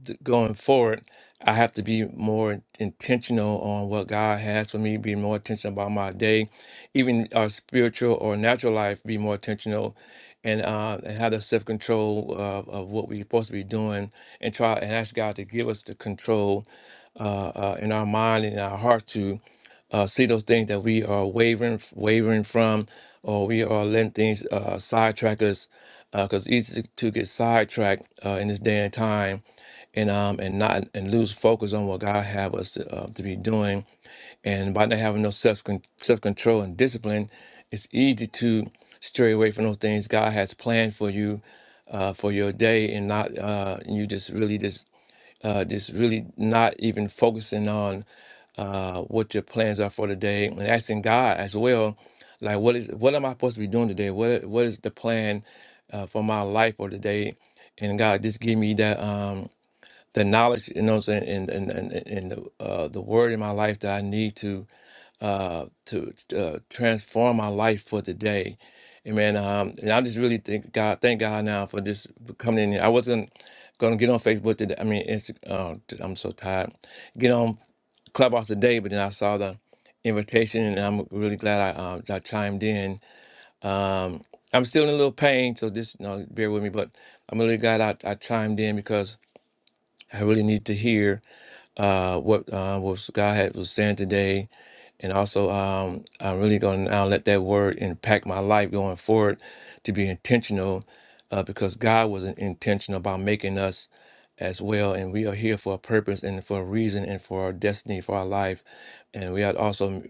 Speaker 6: th- going forward, I have to be more intentional on what God has for me, be more intentional about my day, even our spiritual or natural life, be more intentional and uh, and have the self control of, of what we're supposed to be doing and try and ask God to give us the control uh, uh, in our mind and in our heart to uh, see those things that we are wavering wavering from or we are letting things uh, sidetrack us because it's easy to get sidetracked uh, in this day and time and um and not and lose focus on what God have us to, uh, to be doing. And by not having no self self control and discipline, it's easy to stray away from those things God has planned for you uh, for your day, and not uh, and you just really just uh, just really not even focusing on uh, what your plans are for the day, and asking God as well, like what is what am I supposed to be doing today? What what is the plan uh, for my life for today? And God, just give me that. Um, the knowledge, you know what I'm saying, and and and, and the uh, the word in my life that I need to uh to uh, transform my life for today. Amen. Um, and I just really thank God, thank God now for this coming in here. I wasn't gonna get on Facebook today. I mean, Insta, uh, t- I'm so tired. Get on Clubhouse today, but then I saw the invitation, and I'm really glad I uh, I chimed in. Um, I'm still in a little pain, so just you know, bear with me. But I'm really glad I, I chimed in because I really need to hear uh, what uh, was God had was saying today, and also um, I'm really going to now let that word impact my life going forward to be intentional, uh, because God was intentional about making us as well, and we are here for a purpose and for a reason and for our destiny for our life, and we are also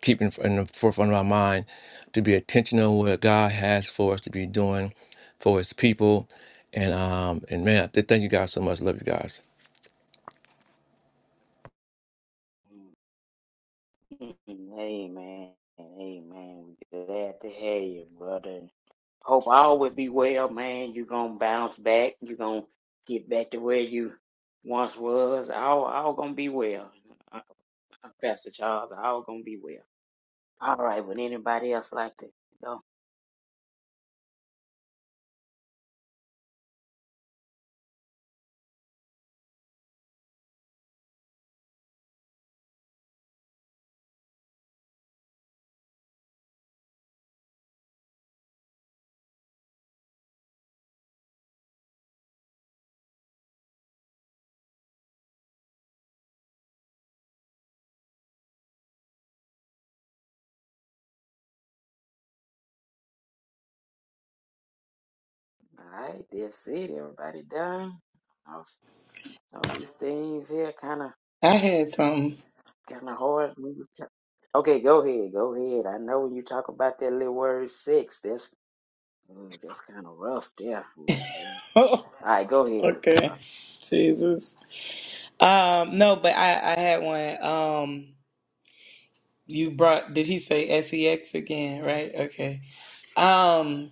Speaker 6: keeping in the forefront of our mind to be intentional what God has for us to be doing for His people, and um and man, I th- thank you guys so much. Love you guys.
Speaker 3: Amen. Amen. Glad to have you, brother. Hope all will be well, man. You're gonna bounce back. You're gonna get back to where you once was. All all gonna be well. Uh, uh, Pastor Charles, all gonna be well. All right, would anybody else like to go? All right, that's it. Everybody done. Oh, Some of these things here kind of
Speaker 7: I had some.
Speaker 3: kind of hard. when you talk- Okay, go ahead, go ahead. I know when you talk about that little word six, that's ooh, that's kind of rough there. Ooh, yeah. All right, go ahead.
Speaker 7: okay.
Speaker 3: Apo-
Speaker 7: Jesus. Um, no, but I, I had one. Um, you brought, did he say SEX again? Right? Okay. Um,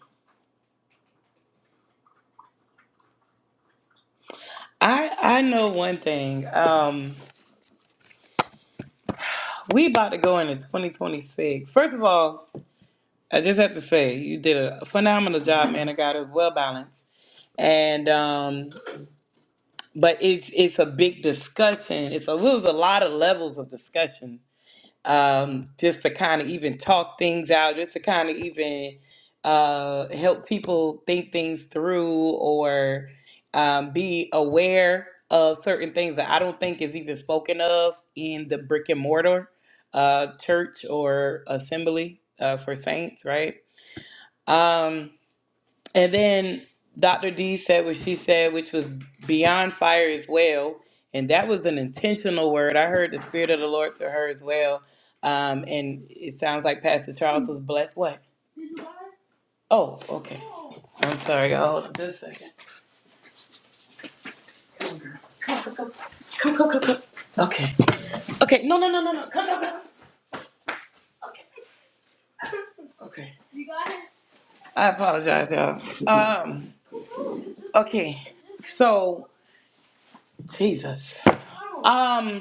Speaker 7: I, I know one thing. Um, we about to go into 2026. First of all, I just have to say you did a phenomenal job, man. I got it was well balanced. And um, but it's it's a big discussion. It's a it was a lot of levels of discussion um, just to kind of even talk things out, just to kind of even uh, help people think things through or um, be aware of certain things that I don't think is even spoken of in the brick and mortar uh, church or assembly uh, for saints, right? Um, and then Dr. D said what she said, which was beyond fire as well. And that was an intentional word. I heard the Spirit of the Lord to her as well. Um, and it sounds like Pastor Charles was blessed. What? Oh, okay. I'm sorry. y'all. just a second. Come, come, come, come. Okay. Okay. No, no, no, no, no. Come, come. Okay. I apologize, y'all. Um. Okay. So, Jesus. Um.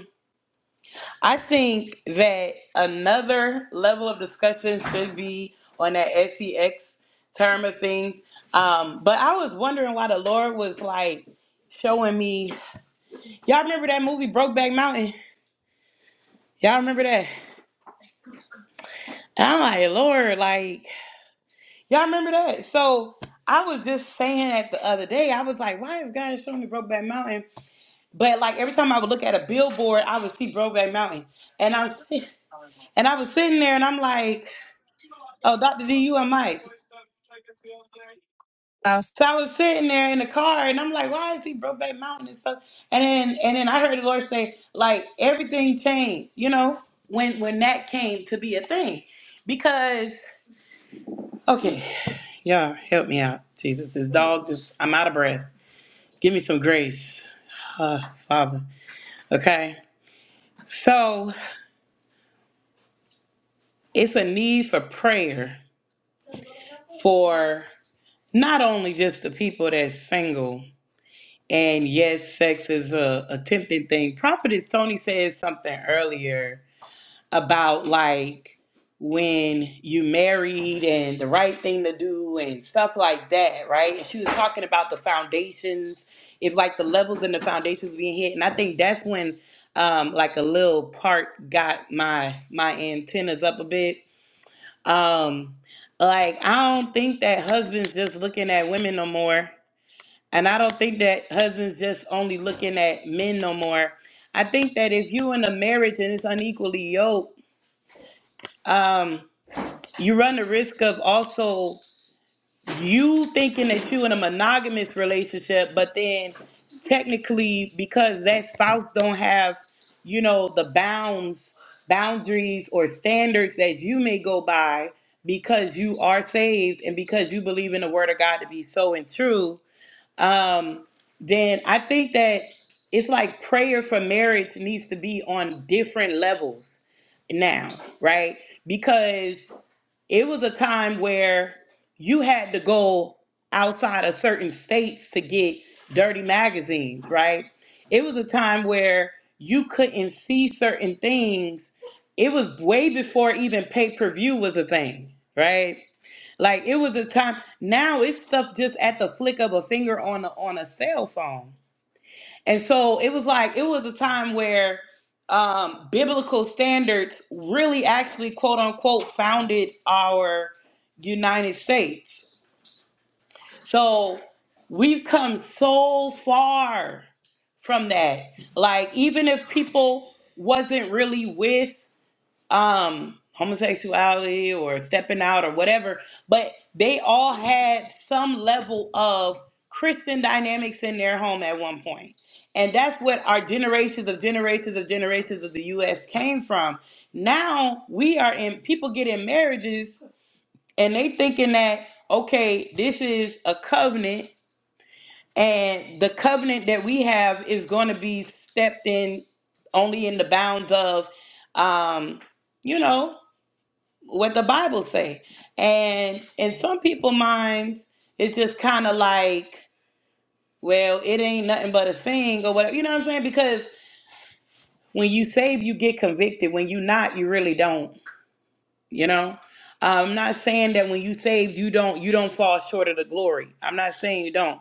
Speaker 7: I think that another level of discussion should be on that SEX term of things. Um, but I was wondering why the Lord was like showing me. Y'all remember that movie Brokeback Mountain? Y'all remember that? And I'm like, Lord, like, y'all remember that? So I was just saying that the other day. I was like, why is God showing me Brokeback Mountain? But like every time I would look at a billboard, I would see Brokeback Mountain. And I'm sit- and I was sitting there and I'm like, oh, Dr. D, you and Mike. So I was sitting there in the car and I'm like, why is he Brokeback Mountain and stuff? And then and then I heard the Lord say, like, everything changed, you know, when when that came to be a thing. Because okay, y'all help me out. Jesus, this dog just I'm out of breath. Give me some grace. Uh, Father. Okay. So it's a need for prayer for not only just the people that's single And yes, sex is a, a tempting thing. Prophetess Tony said something earlier about like when you married and the right thing to do and stuff like that, right? And she was talking about the foundations, if like the levels and the foundations being hit. And I think that's when um like a little part got my my antennas up a bit. Um like I don't think that husbands just looking at women no more. And I don't think that husbands just only looking at men no more. I think that if you in a marriage and it's unequally yoked, um, you run the risk of also you thinking that you in a monogamous relationship, but then technically because that spouse don't have, you know, the bounds, boundaries or standards that you may go by because you are saved and because you believe in the word of God to be so and true um, then I think that it's like prayer for marriage needs to be on different levels now, right? Because it was a time where you had to go outside of certain states to get dirty magazines, right? It was a time where you couldn't see certain things. It was way before even pay per view was a thing, right? Like it was a time. Now it's stuff just at the flick of a finger on a, on a cell phone. And so it was like it was a time where um, biblical standards really actually quote unquote founded our United States. So we've come so far from that. Like even if people wasn't really with um homosexuality or stepping out or whatever but they all had some level of christian dynamics in their home at one point and that's what our generations of generations of generations of the us came from now we are in people get in marriages and they thinking that okay this is a covenant and the covenant that we have is going to be stepped in only in the bounds of um you know what the Bible say. And in some people' minds, it's just kind of like, well, it ain't nothing but a thing or whatever. You know what I'm saying? Because when you save, you get convicted. When you not, you really don't. You know. I'm not saying that when you saved, you don't you don't fall short of the glory. I'm not saying you don't,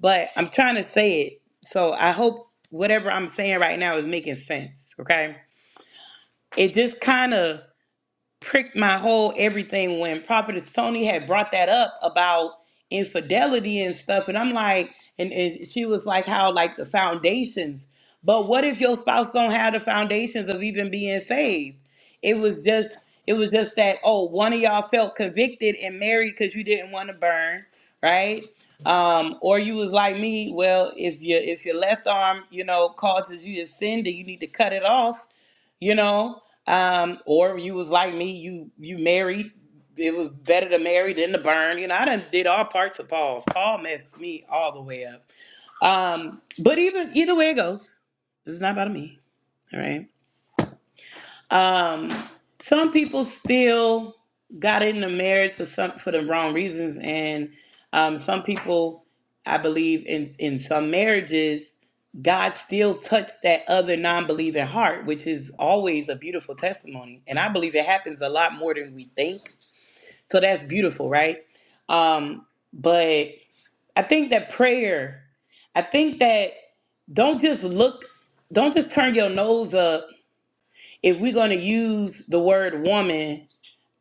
Speaker 7: but I'm trying to say it. So I hope whatever I'm saying right now is making sense. Okay. It just kind of pricked my whole everything when Prophet Tony had brought that up about infidelity and stuff. And I'm like, and, and she was like, how like the foundations. But what if your spouse don't have the foundations of even being saved? It was just, it was just that, oh, one of y'all felt convicted and married because you didn't want to burn, right? Um, or you was like me, well, if your if your left arm, you know, causes you to sin, then you need to cut it off you know um or you was like me you you married it was better to marry than to burn you know i done did all parts of paul paul messed me all the way up um but even either way it goes it's not about me all right um, some people still got into marriage for some for the wrong reasons, and um, some people, I believe, in in some marriages, God still touched that other non-believing heart, which is always a beautiful testimony. And I believe it happens a lot more than we think. So that's beautiful, right? Um, but I think that prayer, I think that don't just look, don't just turn your nose up if we're going to use the word woman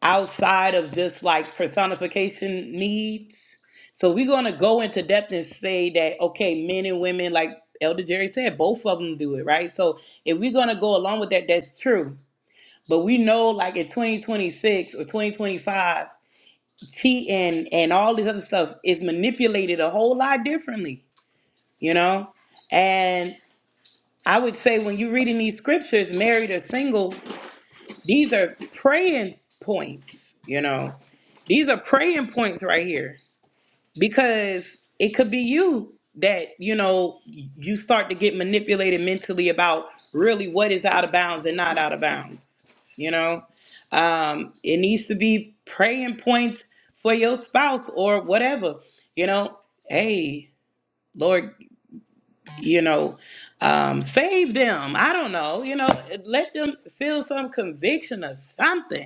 Speaker 7: outside of just like personification needs, so we're going to go into depth and say that, okay, men and women, like Elder Jerry said, both of them do it, right? So if we're going to go along with that, that's true. But we know, like in 2026 or 2025, cheating and all this other stuff is manipulated a whole lot differently, you know? And I would say when you're reading these scriptures, married or single, These are praying points, you know. These are praying points right here because it could be you that, you know, you start to get manipulated mentally about really what is out of bounds and not out of bounds, you know. Um, it needs to be praying points for your spouse or whatever, you know. Hey, Lord, you know, um, save them. I don't know, you know, let them feel some conviction or something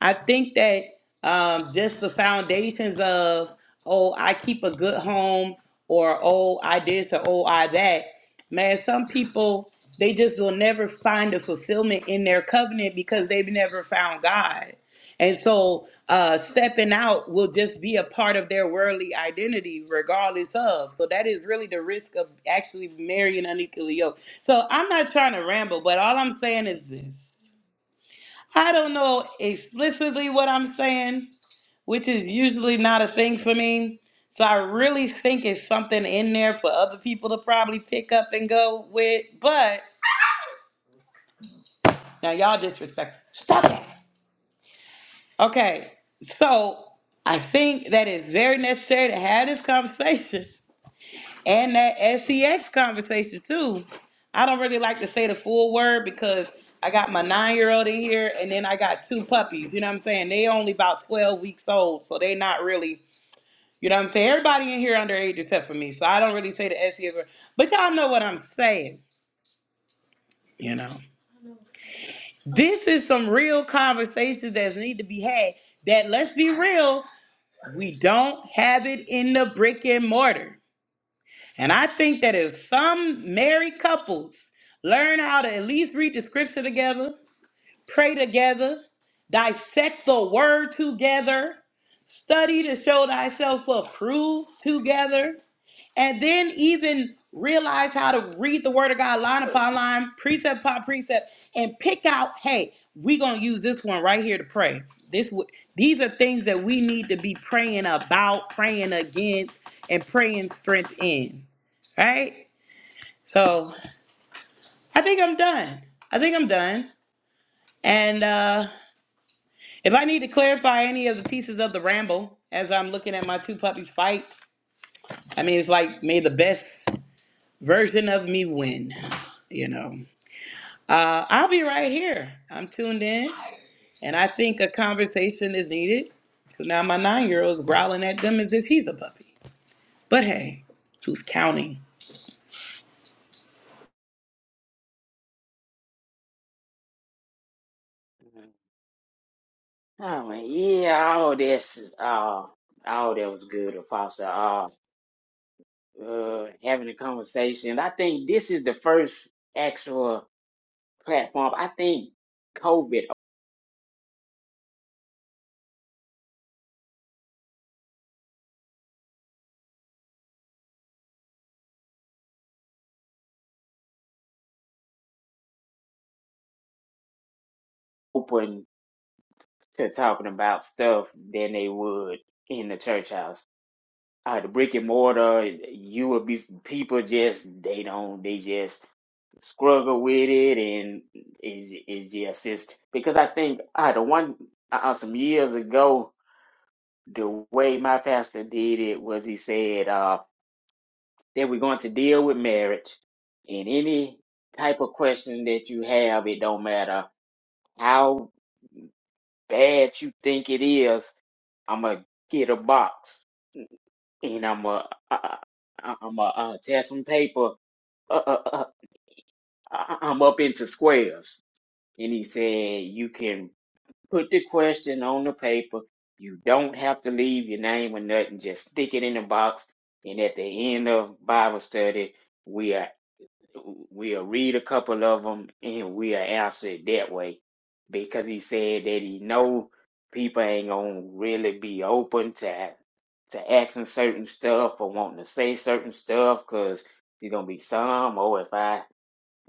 Speaker 7: I think that um, just the foundations of, oh, I keep a good home, or oh, I this, or oh, I that. Man, some people, they just will never find a fulfillment in their covenant because they've never found God. And so uh, stepping out will just be a part of their worldly identity, regardless of. So that is really the risk of actually marrying unequally yoked. So I'm not trying to ramble, but all I'm saying is this. I don't know explicitly what I'm saying, which is usually not a thing for me. So I really think it's something in there for other people to probably pick up and go with. But now y'all disrespect. Stop that. Okay. So I think that it's very necessary to have this conversation and that sex conversation too. I don't really like to say the full word because I got my nine year old in here, and then I got two puppies. You know what I'm saying? They only about twelve weeks old, so they not really. You know what I'm saying? Everybody in here underage except for me, so I don't really say the sex word. But y'all know what I'm saying. You know, this is some real conversations that need to be had. That let's be real, we don't have it in the brick and mortar. And I think that if some married couples learn how to at least read the scripture together, pray together, dissect the word together, study to show thyself approved together, and then even realize how to read the word of God line upon line, precept upon precept, and pick out, hey, we're gonna use this one right here to pray. This w- these are things that we need to be praying about, praying against, and praying strength in. Right? So I think I'm done. I think I'm done. And uh if I need to clarify any of the pieces of the ramble as I'm looking at my two puppies fight, I mean it's like may the best version of me win, you know. Uh, I'll be right here. I'm tuned in, and I think a conversation is needed because now my nine year old is growling at them as if he's a puppy. But hey, who's counting?
Speaker 3: Mhm. Oh man, yeah, all this, uh, all that was good, Apostle. Uh, uh, having a conversation. I think this is the first actual platform. I think COVID. open to talking about stuff than they would in the church house. Uh, the brick and mortar, you would be people just they don't they just struggle with it and it, it just is because I think I uh, the one uh, uh, some years ago the way my pastor did it was he said uh, that we're going to deal with marriage and any type of question that you have it don't matter how bad you think it is I'm gonna get a box and I'm gonna uh, uh, uh, I'm gonna uh, tear some paper. Uh, uh, uh, I- I'm up into squares. And he said, you can put the question on the paper. You don't have to leave your name or nothing. Just stick it in the box. And at the end of Bible study, we are. We'll read a couple of them and we'll answer it that way because he said that he know people ain't gonna really be open to to asking certain stuff or wanting to say certain stuff because there's gonna be some. Oh, if I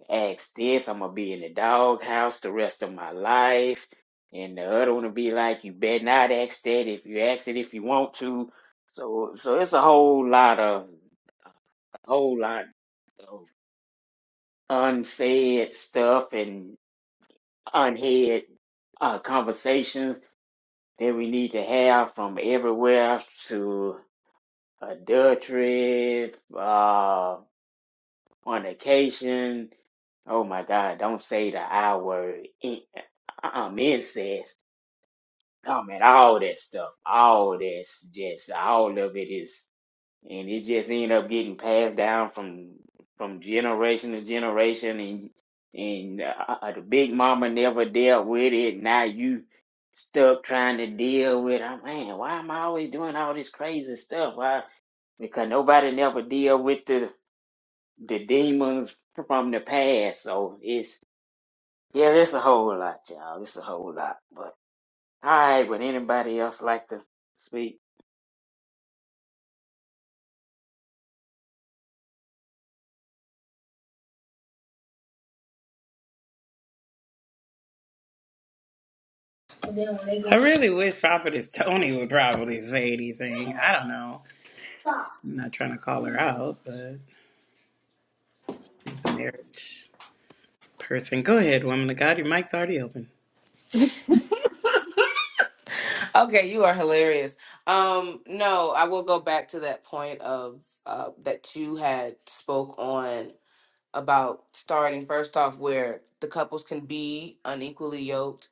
Speaker 3: ask this, I'm gonna be in the doghouse the rest of my life. And the other one will be like, you better not ask that if you ask it if you want to. So, so it's a whole lot of a whole lot of unsaid stuff and unheard uh, conversations that we need to have from everywhere to adultery, uh, fornication. Oh my God, don't say the I word. In- Um, incest. I mean, all that stuff, all that's just, all of it is and it just ended up getting passed down from from generation to generation and and uh, uh, the big mama never dealt with it now you stuck trying to deal with i man why am i always doing all this crazy stuff why because nobody never deal with the the demons from the past so it's yeah it's a whole lot y'all it's a whole lot but all right would anybody else like to speak
Speaker 7: I really wish Prophetess Tony would probably say anything. I don't know. I'm not trying to call her out, but she's the marriage person. Go ahead, woman of God. Your mic's already open.
Speaker 4: Okay, you are hilarious. Um no, I will go back to that point of uh that you had spoke on about starting first off where the couples can be unequally yoked.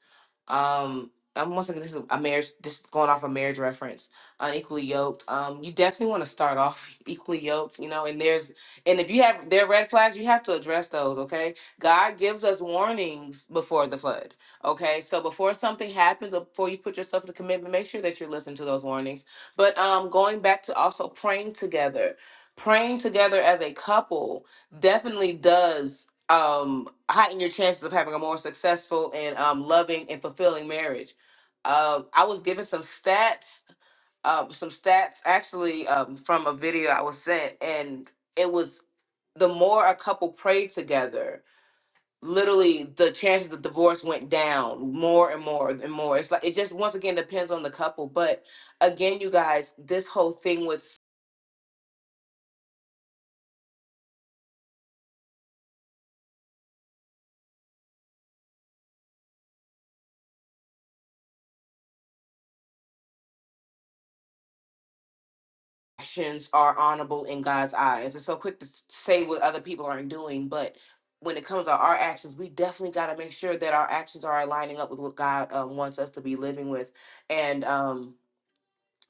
Speaker 4: Um, I'm once again this is a marriage. This is going off a marriage reference. Unequally yoked. Um, you definitely want to start off equally yoked. You know, and there's and if you have there are red flags, you have to address those. Okay, God gives us warnings before the flood. Okay, so before something happens, or before you put yourself in a commitment, make sure that you're listening to those warnings. But um, going back to also praying together, praying together as a couple definitely does um heighten your chances of having a more successful and um loving and fulfilling marriage. Um I was given some stats um some stats actually um from a video I was sent and it was the more a couple prayed together, literally the chances of divorce went down more and more and more. It's like it just once again depends on the couple, but again you guys, this whole thing with actions are honorable in God's eyes. It's so quick to s- say what other people aren't doing, but when it comes to our actions, we definitely got to make sure that our actions are aligning up with what God um, wants us to be living with. And um,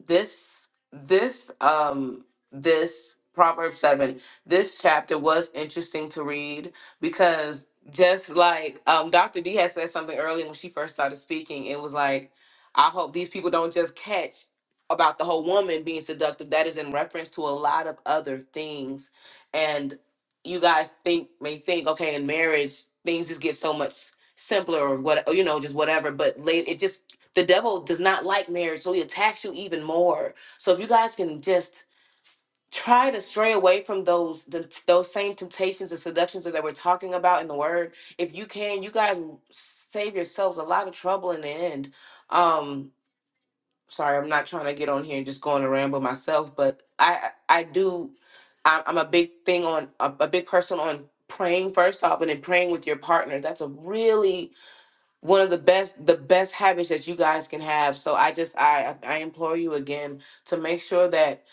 Speaker 4: this this um this proverb 7 this chapter was interesting to read because just like um dr d had said something earlier when she first started speaking it was like i hope these people don't just catch about the whole woman being seductive that is in reference to a lot of other things and you guys think may think okay in marriage things just get so much simpler or what you know just whatever but late it just the devil does not like marriage, so he attacks you even more. So if you guys can just try to stray away from those the, those same temptations and seductions that we're talking about in the word, if you can, you guys will save yourselves a lot of trouble in the end. Um, sorry, I'm not trying to get on here and just go on a ramble myself, but I I do. I'm I'm a big thing on a, a big person on praying first off, and then praying with your partner. That's a really one of the best the best habits that you guys can have so i just i i implore you again to make sure that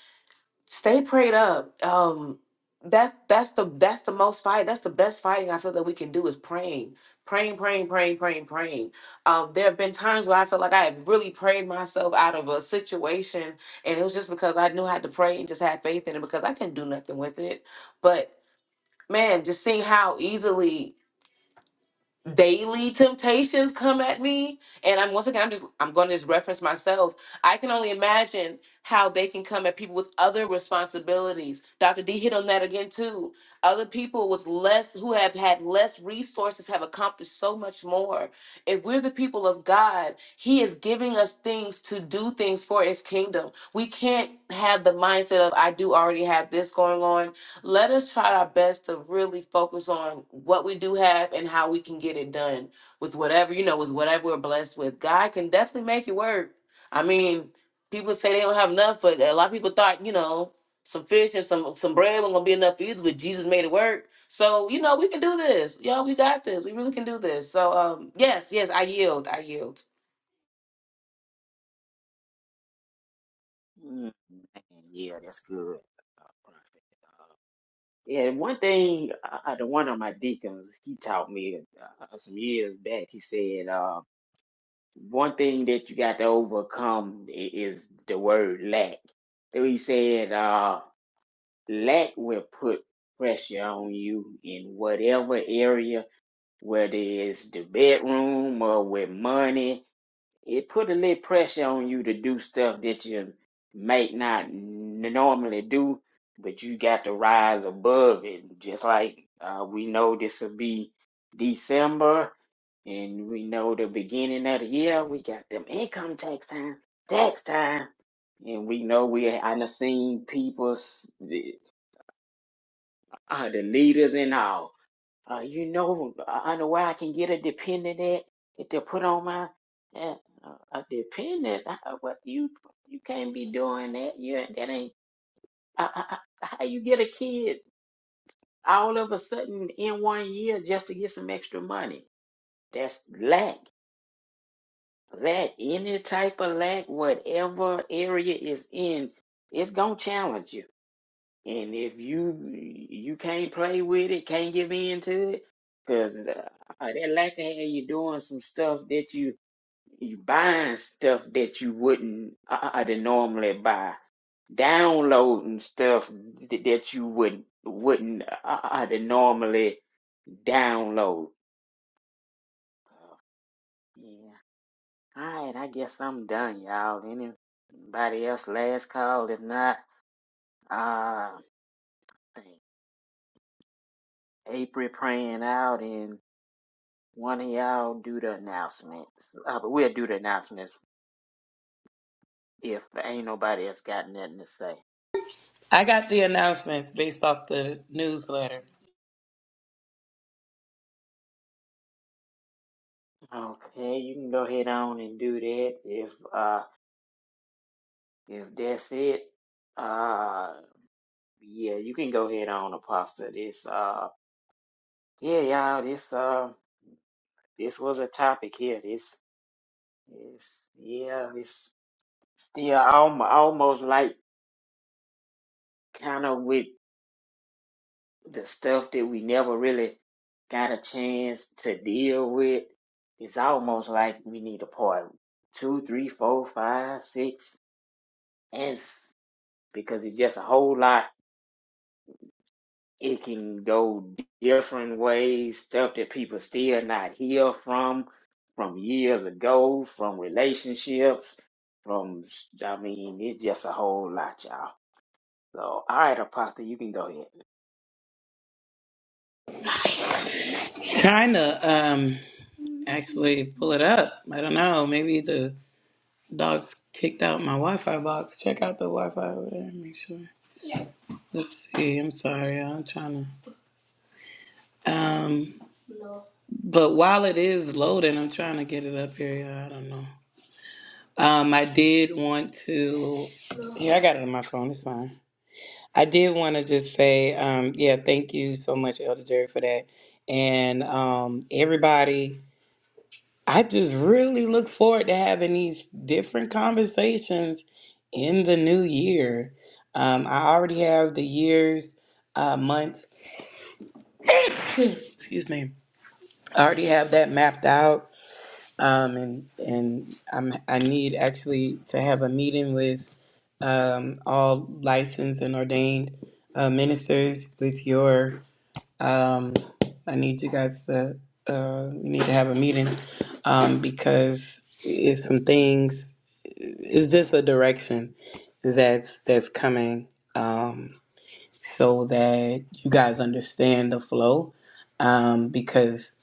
Speaker 4: stay prayed up um that's that's the that's the most fight that's the best fighting i feel that we can do is praying praying praying praying praying praying um there have been times where i feel like i have really prayed myself out of a situation and it was just because i knew how to pray and just had faith in it because i couldn't do nothing with it but man just seeing how easily daily temptations come at me and i'm once again i'm just i'm going to just reference myself i can only imagine how they can come at people with other responsibilities dr d hit on that again too other people with less who have had less resources have accomplished so much more if we're the people of god he is giving us things to do things for his kingdom we can't have the mindset of i do already have this going on let us try our best to really focus on what we do have and how we can get it done with whatever you know with whatever we're blessed with god can definitely make it work i mean people say they don't have enough but a lot of people thought you know some fish and some some bread wasn't gonna be enough for either but jesus made it work so you know we can do this y'all we got this we really can do this so um yes yes i yield i yield
Speaker 3: mm, man, yeah that's good Yeah, one thing, uh, the one of my deacons, he taught me uh, uh, some years back. He said, uh, one thing that you got to overcome i- is the word lack. So he said, uh, lack will put pressure on you in whatever area, whether it's the bedroom or with money. It put a little pressure on you to do stuff that you might not n- normally do, but you got to rise above it. Just like uh, we know this will be December, and we know the beginning of the year, we got them income tax time, tax time. And we know we I done seen people, s- the, uh, the leaders and all. Uh, you know, I I know where I can get a dependent at that they put on my uh, a dependent. Uh, What you you can't be doing that. You ain't- that ain't I, I, I- how you get a kid all of a sudden in one year just to get some extra money. That's lack. That any type of lack, whatever area is in, it's gonna challenge you. And if you you can't play with it, can't give in to it, because uh, uh, that lack of hair, you're doing some stuff that you you buying stuff that you wouldn't uh, uh, to normally buy, downloading stuff th- that you would wouldn't uh, uh, to normally download. Oh, Yeah. All right, I guess I'm done, y'all. Anybody else last call? If not, uh, April praying out and. One of y'all do the announcements. Uh, but we'll do the announcements if ain't nobody else got nothing to say.
Speaker 7: I got the announcements based off the newsletter.
Speaker 3: Okay, you can go ahead on and do that. If uh if that's it, uh yeah, you can go ahead on, Apostle. This uh yeah, y'all, this uh this was a topic here. This is yeah, it's still almost almost like kind of with the stuff that we never really got a chance to deal with, it's almost like we need a part two, three, four, five, six, and s- because it's just a whole lot. It can go different ways, stuff that people still not hear from, from years ago, from relationships, from, I mean, it's just a whole lot, y'all. So, all right, Apostle, you can go ahead.
Speaker 7: China. um, actually pull it up. I don't know. Maybe the dogs kicked out my Wi Fi box. Check out the Wi Fi over there. Make sure. Let's see. I'm sorry. y'all. I'm trying to. Um, but while it is loading, I'm trying to get it up here. Yeah, I don't know. Um, I did want to. Yeah, I got it on my phone. It's fine. I did want to just say, um, yeah, thank you so much, Elder Jerry, for that. And um, everybody I just really look forward to having these different conversations in the new year. Um, I already have the years, uh, months, excuse me. I already have that mapped out, um, and and I'm, I need actually to have a meeting with um, all licensed and ordained uh, ministers with your Um, I need you guys to, uh, we need to have a meeting um, because it's some things, it's just a direction that's that's coming um, so that you guys understand the flow um, because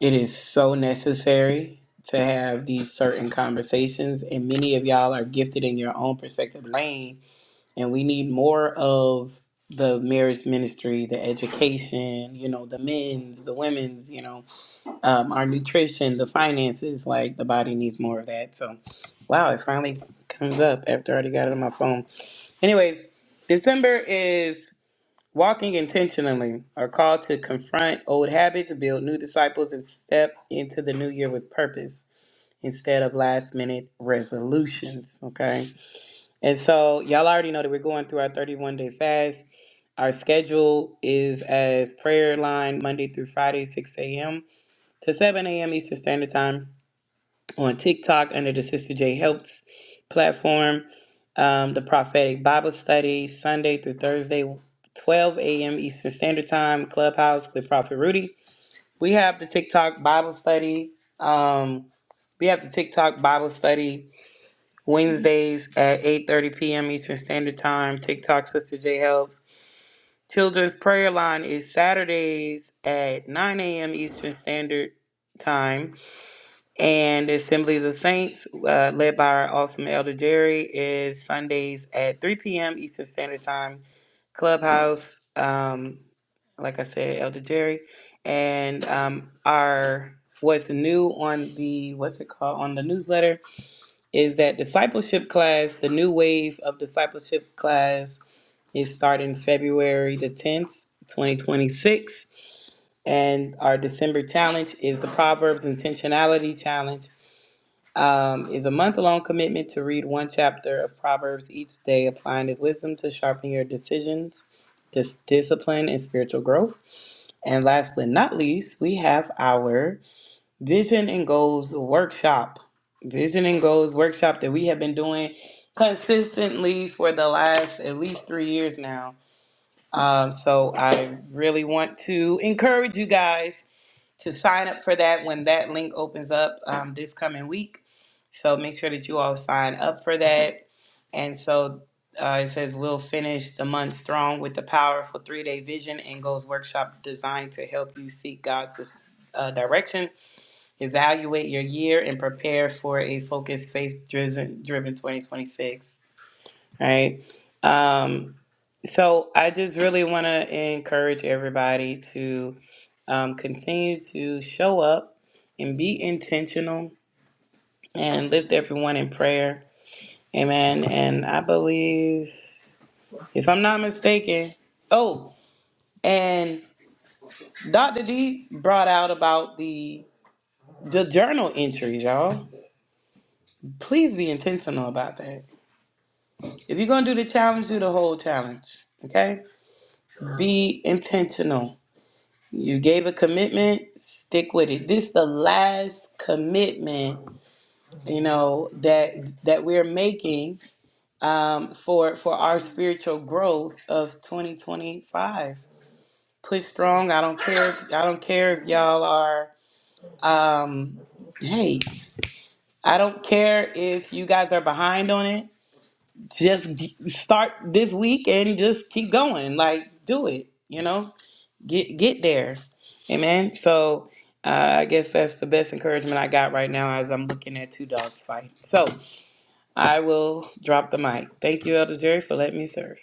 Speaker 7: it is so necessary to have these certain conversations and many of y'all are gifted in your own perspective lane and we need more of the marriage ministry, the education, you know, the men's, the women's, you know, um, our nutrition, the finances. Like the body needs more of that. So, wow, it finally comes up after I already got it on my phone. Anyways, December is walking intentionally, our call to confront old habits, build new disciples, and step into the new year with purpose instead of last minute resolutions. Okay. And so y'all already know that we're going through our 31 day fast. Our schedule is as prayer line Monday through Friday, 6 a.m. to 7 a.m. Eastern Standard Time on TikTok under the Sister J Helps platform. Um, the prophetic Bible study Sunday through Thursday, 12 a.m. Eastern Standard Time, Clubhouse with Prophet Rudy. We have the TikTok Bible study. Um, we have the TikTok Bible study Wednesdays at 8:30 p.m. Eastern Standard Time. TikTok Sister J helps. Children's Prayer Line is Saturdays at 9 a.m. Eastern Standard Time, and Assemblies of Saints, uh, led by our awesome Elder Jerry, is Sundays at 3 p.m. Eastern Standard Time. Clubhouse, um, like I said, Elder Jerry, and um, our what's new on the what's it called on the newsletter is that discipleship class, the new wave of discipleship class, is starting February the 10th, 2026. And our December challenge is the Proverbs Intentionality Challenge. Um, is a month-long commitment to read one chapter of Proverbs each day, applying his wisdom to sharpen your decisions, dis- discipline, and spiritual growth. And last but not least, we have our Vision and Goals workshop. Vision and Goals workshop that we have been doing consistently for the last at least three years now. Um, so I really want to encourage you guys to sign up for that when that link opens up um, this coming week. So make sure that you all sign up for that. And so uh, it says we'll finish the month strong with the powerful three-day vision and goals workshop designed to help you seek God's uh, direction evaluate your year and prepare for a focused faith driven 2026 right um so i just really want to encourage everybody to um, continue to show up and be intentional and lift everyone in prayer amen and i believe if i'm not mistaken oh and dr d brought out about the the journal entries y'all please be intentional about that If you're gonna do the challenge, do the whole challenge. Okay? Be intentional. You gave a commitment, stick with it. This is the last commitment, you know, that that we're making um, for for our spiritual growth of 2025. Push strong. I don't care if I don't care if y'all are um hey, I don't care if you guys are behind on it. just g- start this week and just keep going. Like, do it. You know, get get there. Amen. So, uh, I guess that's the best encouragement I got right now as I'm looking at two dogs fight. So, I will drop the mic. Thank you, Elder Jerry, for letting me serve.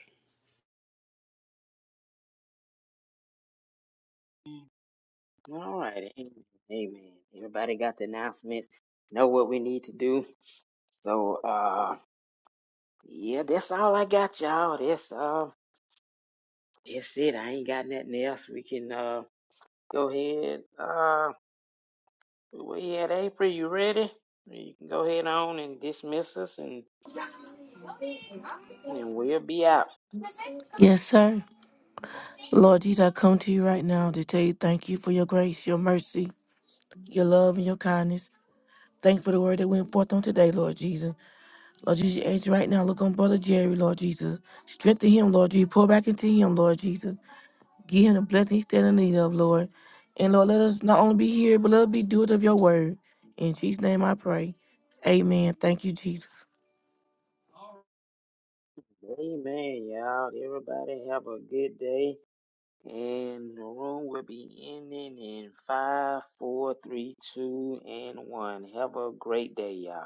Speaker 3: All right. Amen. Amen. Everybody got the announcements, know what we need to do. So uh yeah, that's all I got, y'all. That's uh that's it. I ain't got nothing else. We can uh go ahead. Uh we at April, you ready? You can go ahead on and dismiss us and and we'll be out.
Speaker 8: Yes, sir. Lord Jesus, I come to you right now to tell you thank you for your grace, your mercy, your love, and your kindness. Thank you for the word that went forth on today, Lord Jesus. Lord Jesus, you right now, look on Brother Jerry, Lord Jesus. Strengthen him, Lord Jesus. Pour back into him, Lord Jesus. Give him the blessing he's standing in need of, Lord. And Lord, let us not only be here, but let us be doers of your word. In Jesus' name I pray. Amen. Thank you, Jesus.
Speaker 3: Amen, y'all. Everybody have a good day. And the room will be ending in five, four, three, two, and one. Have a great day, y'all.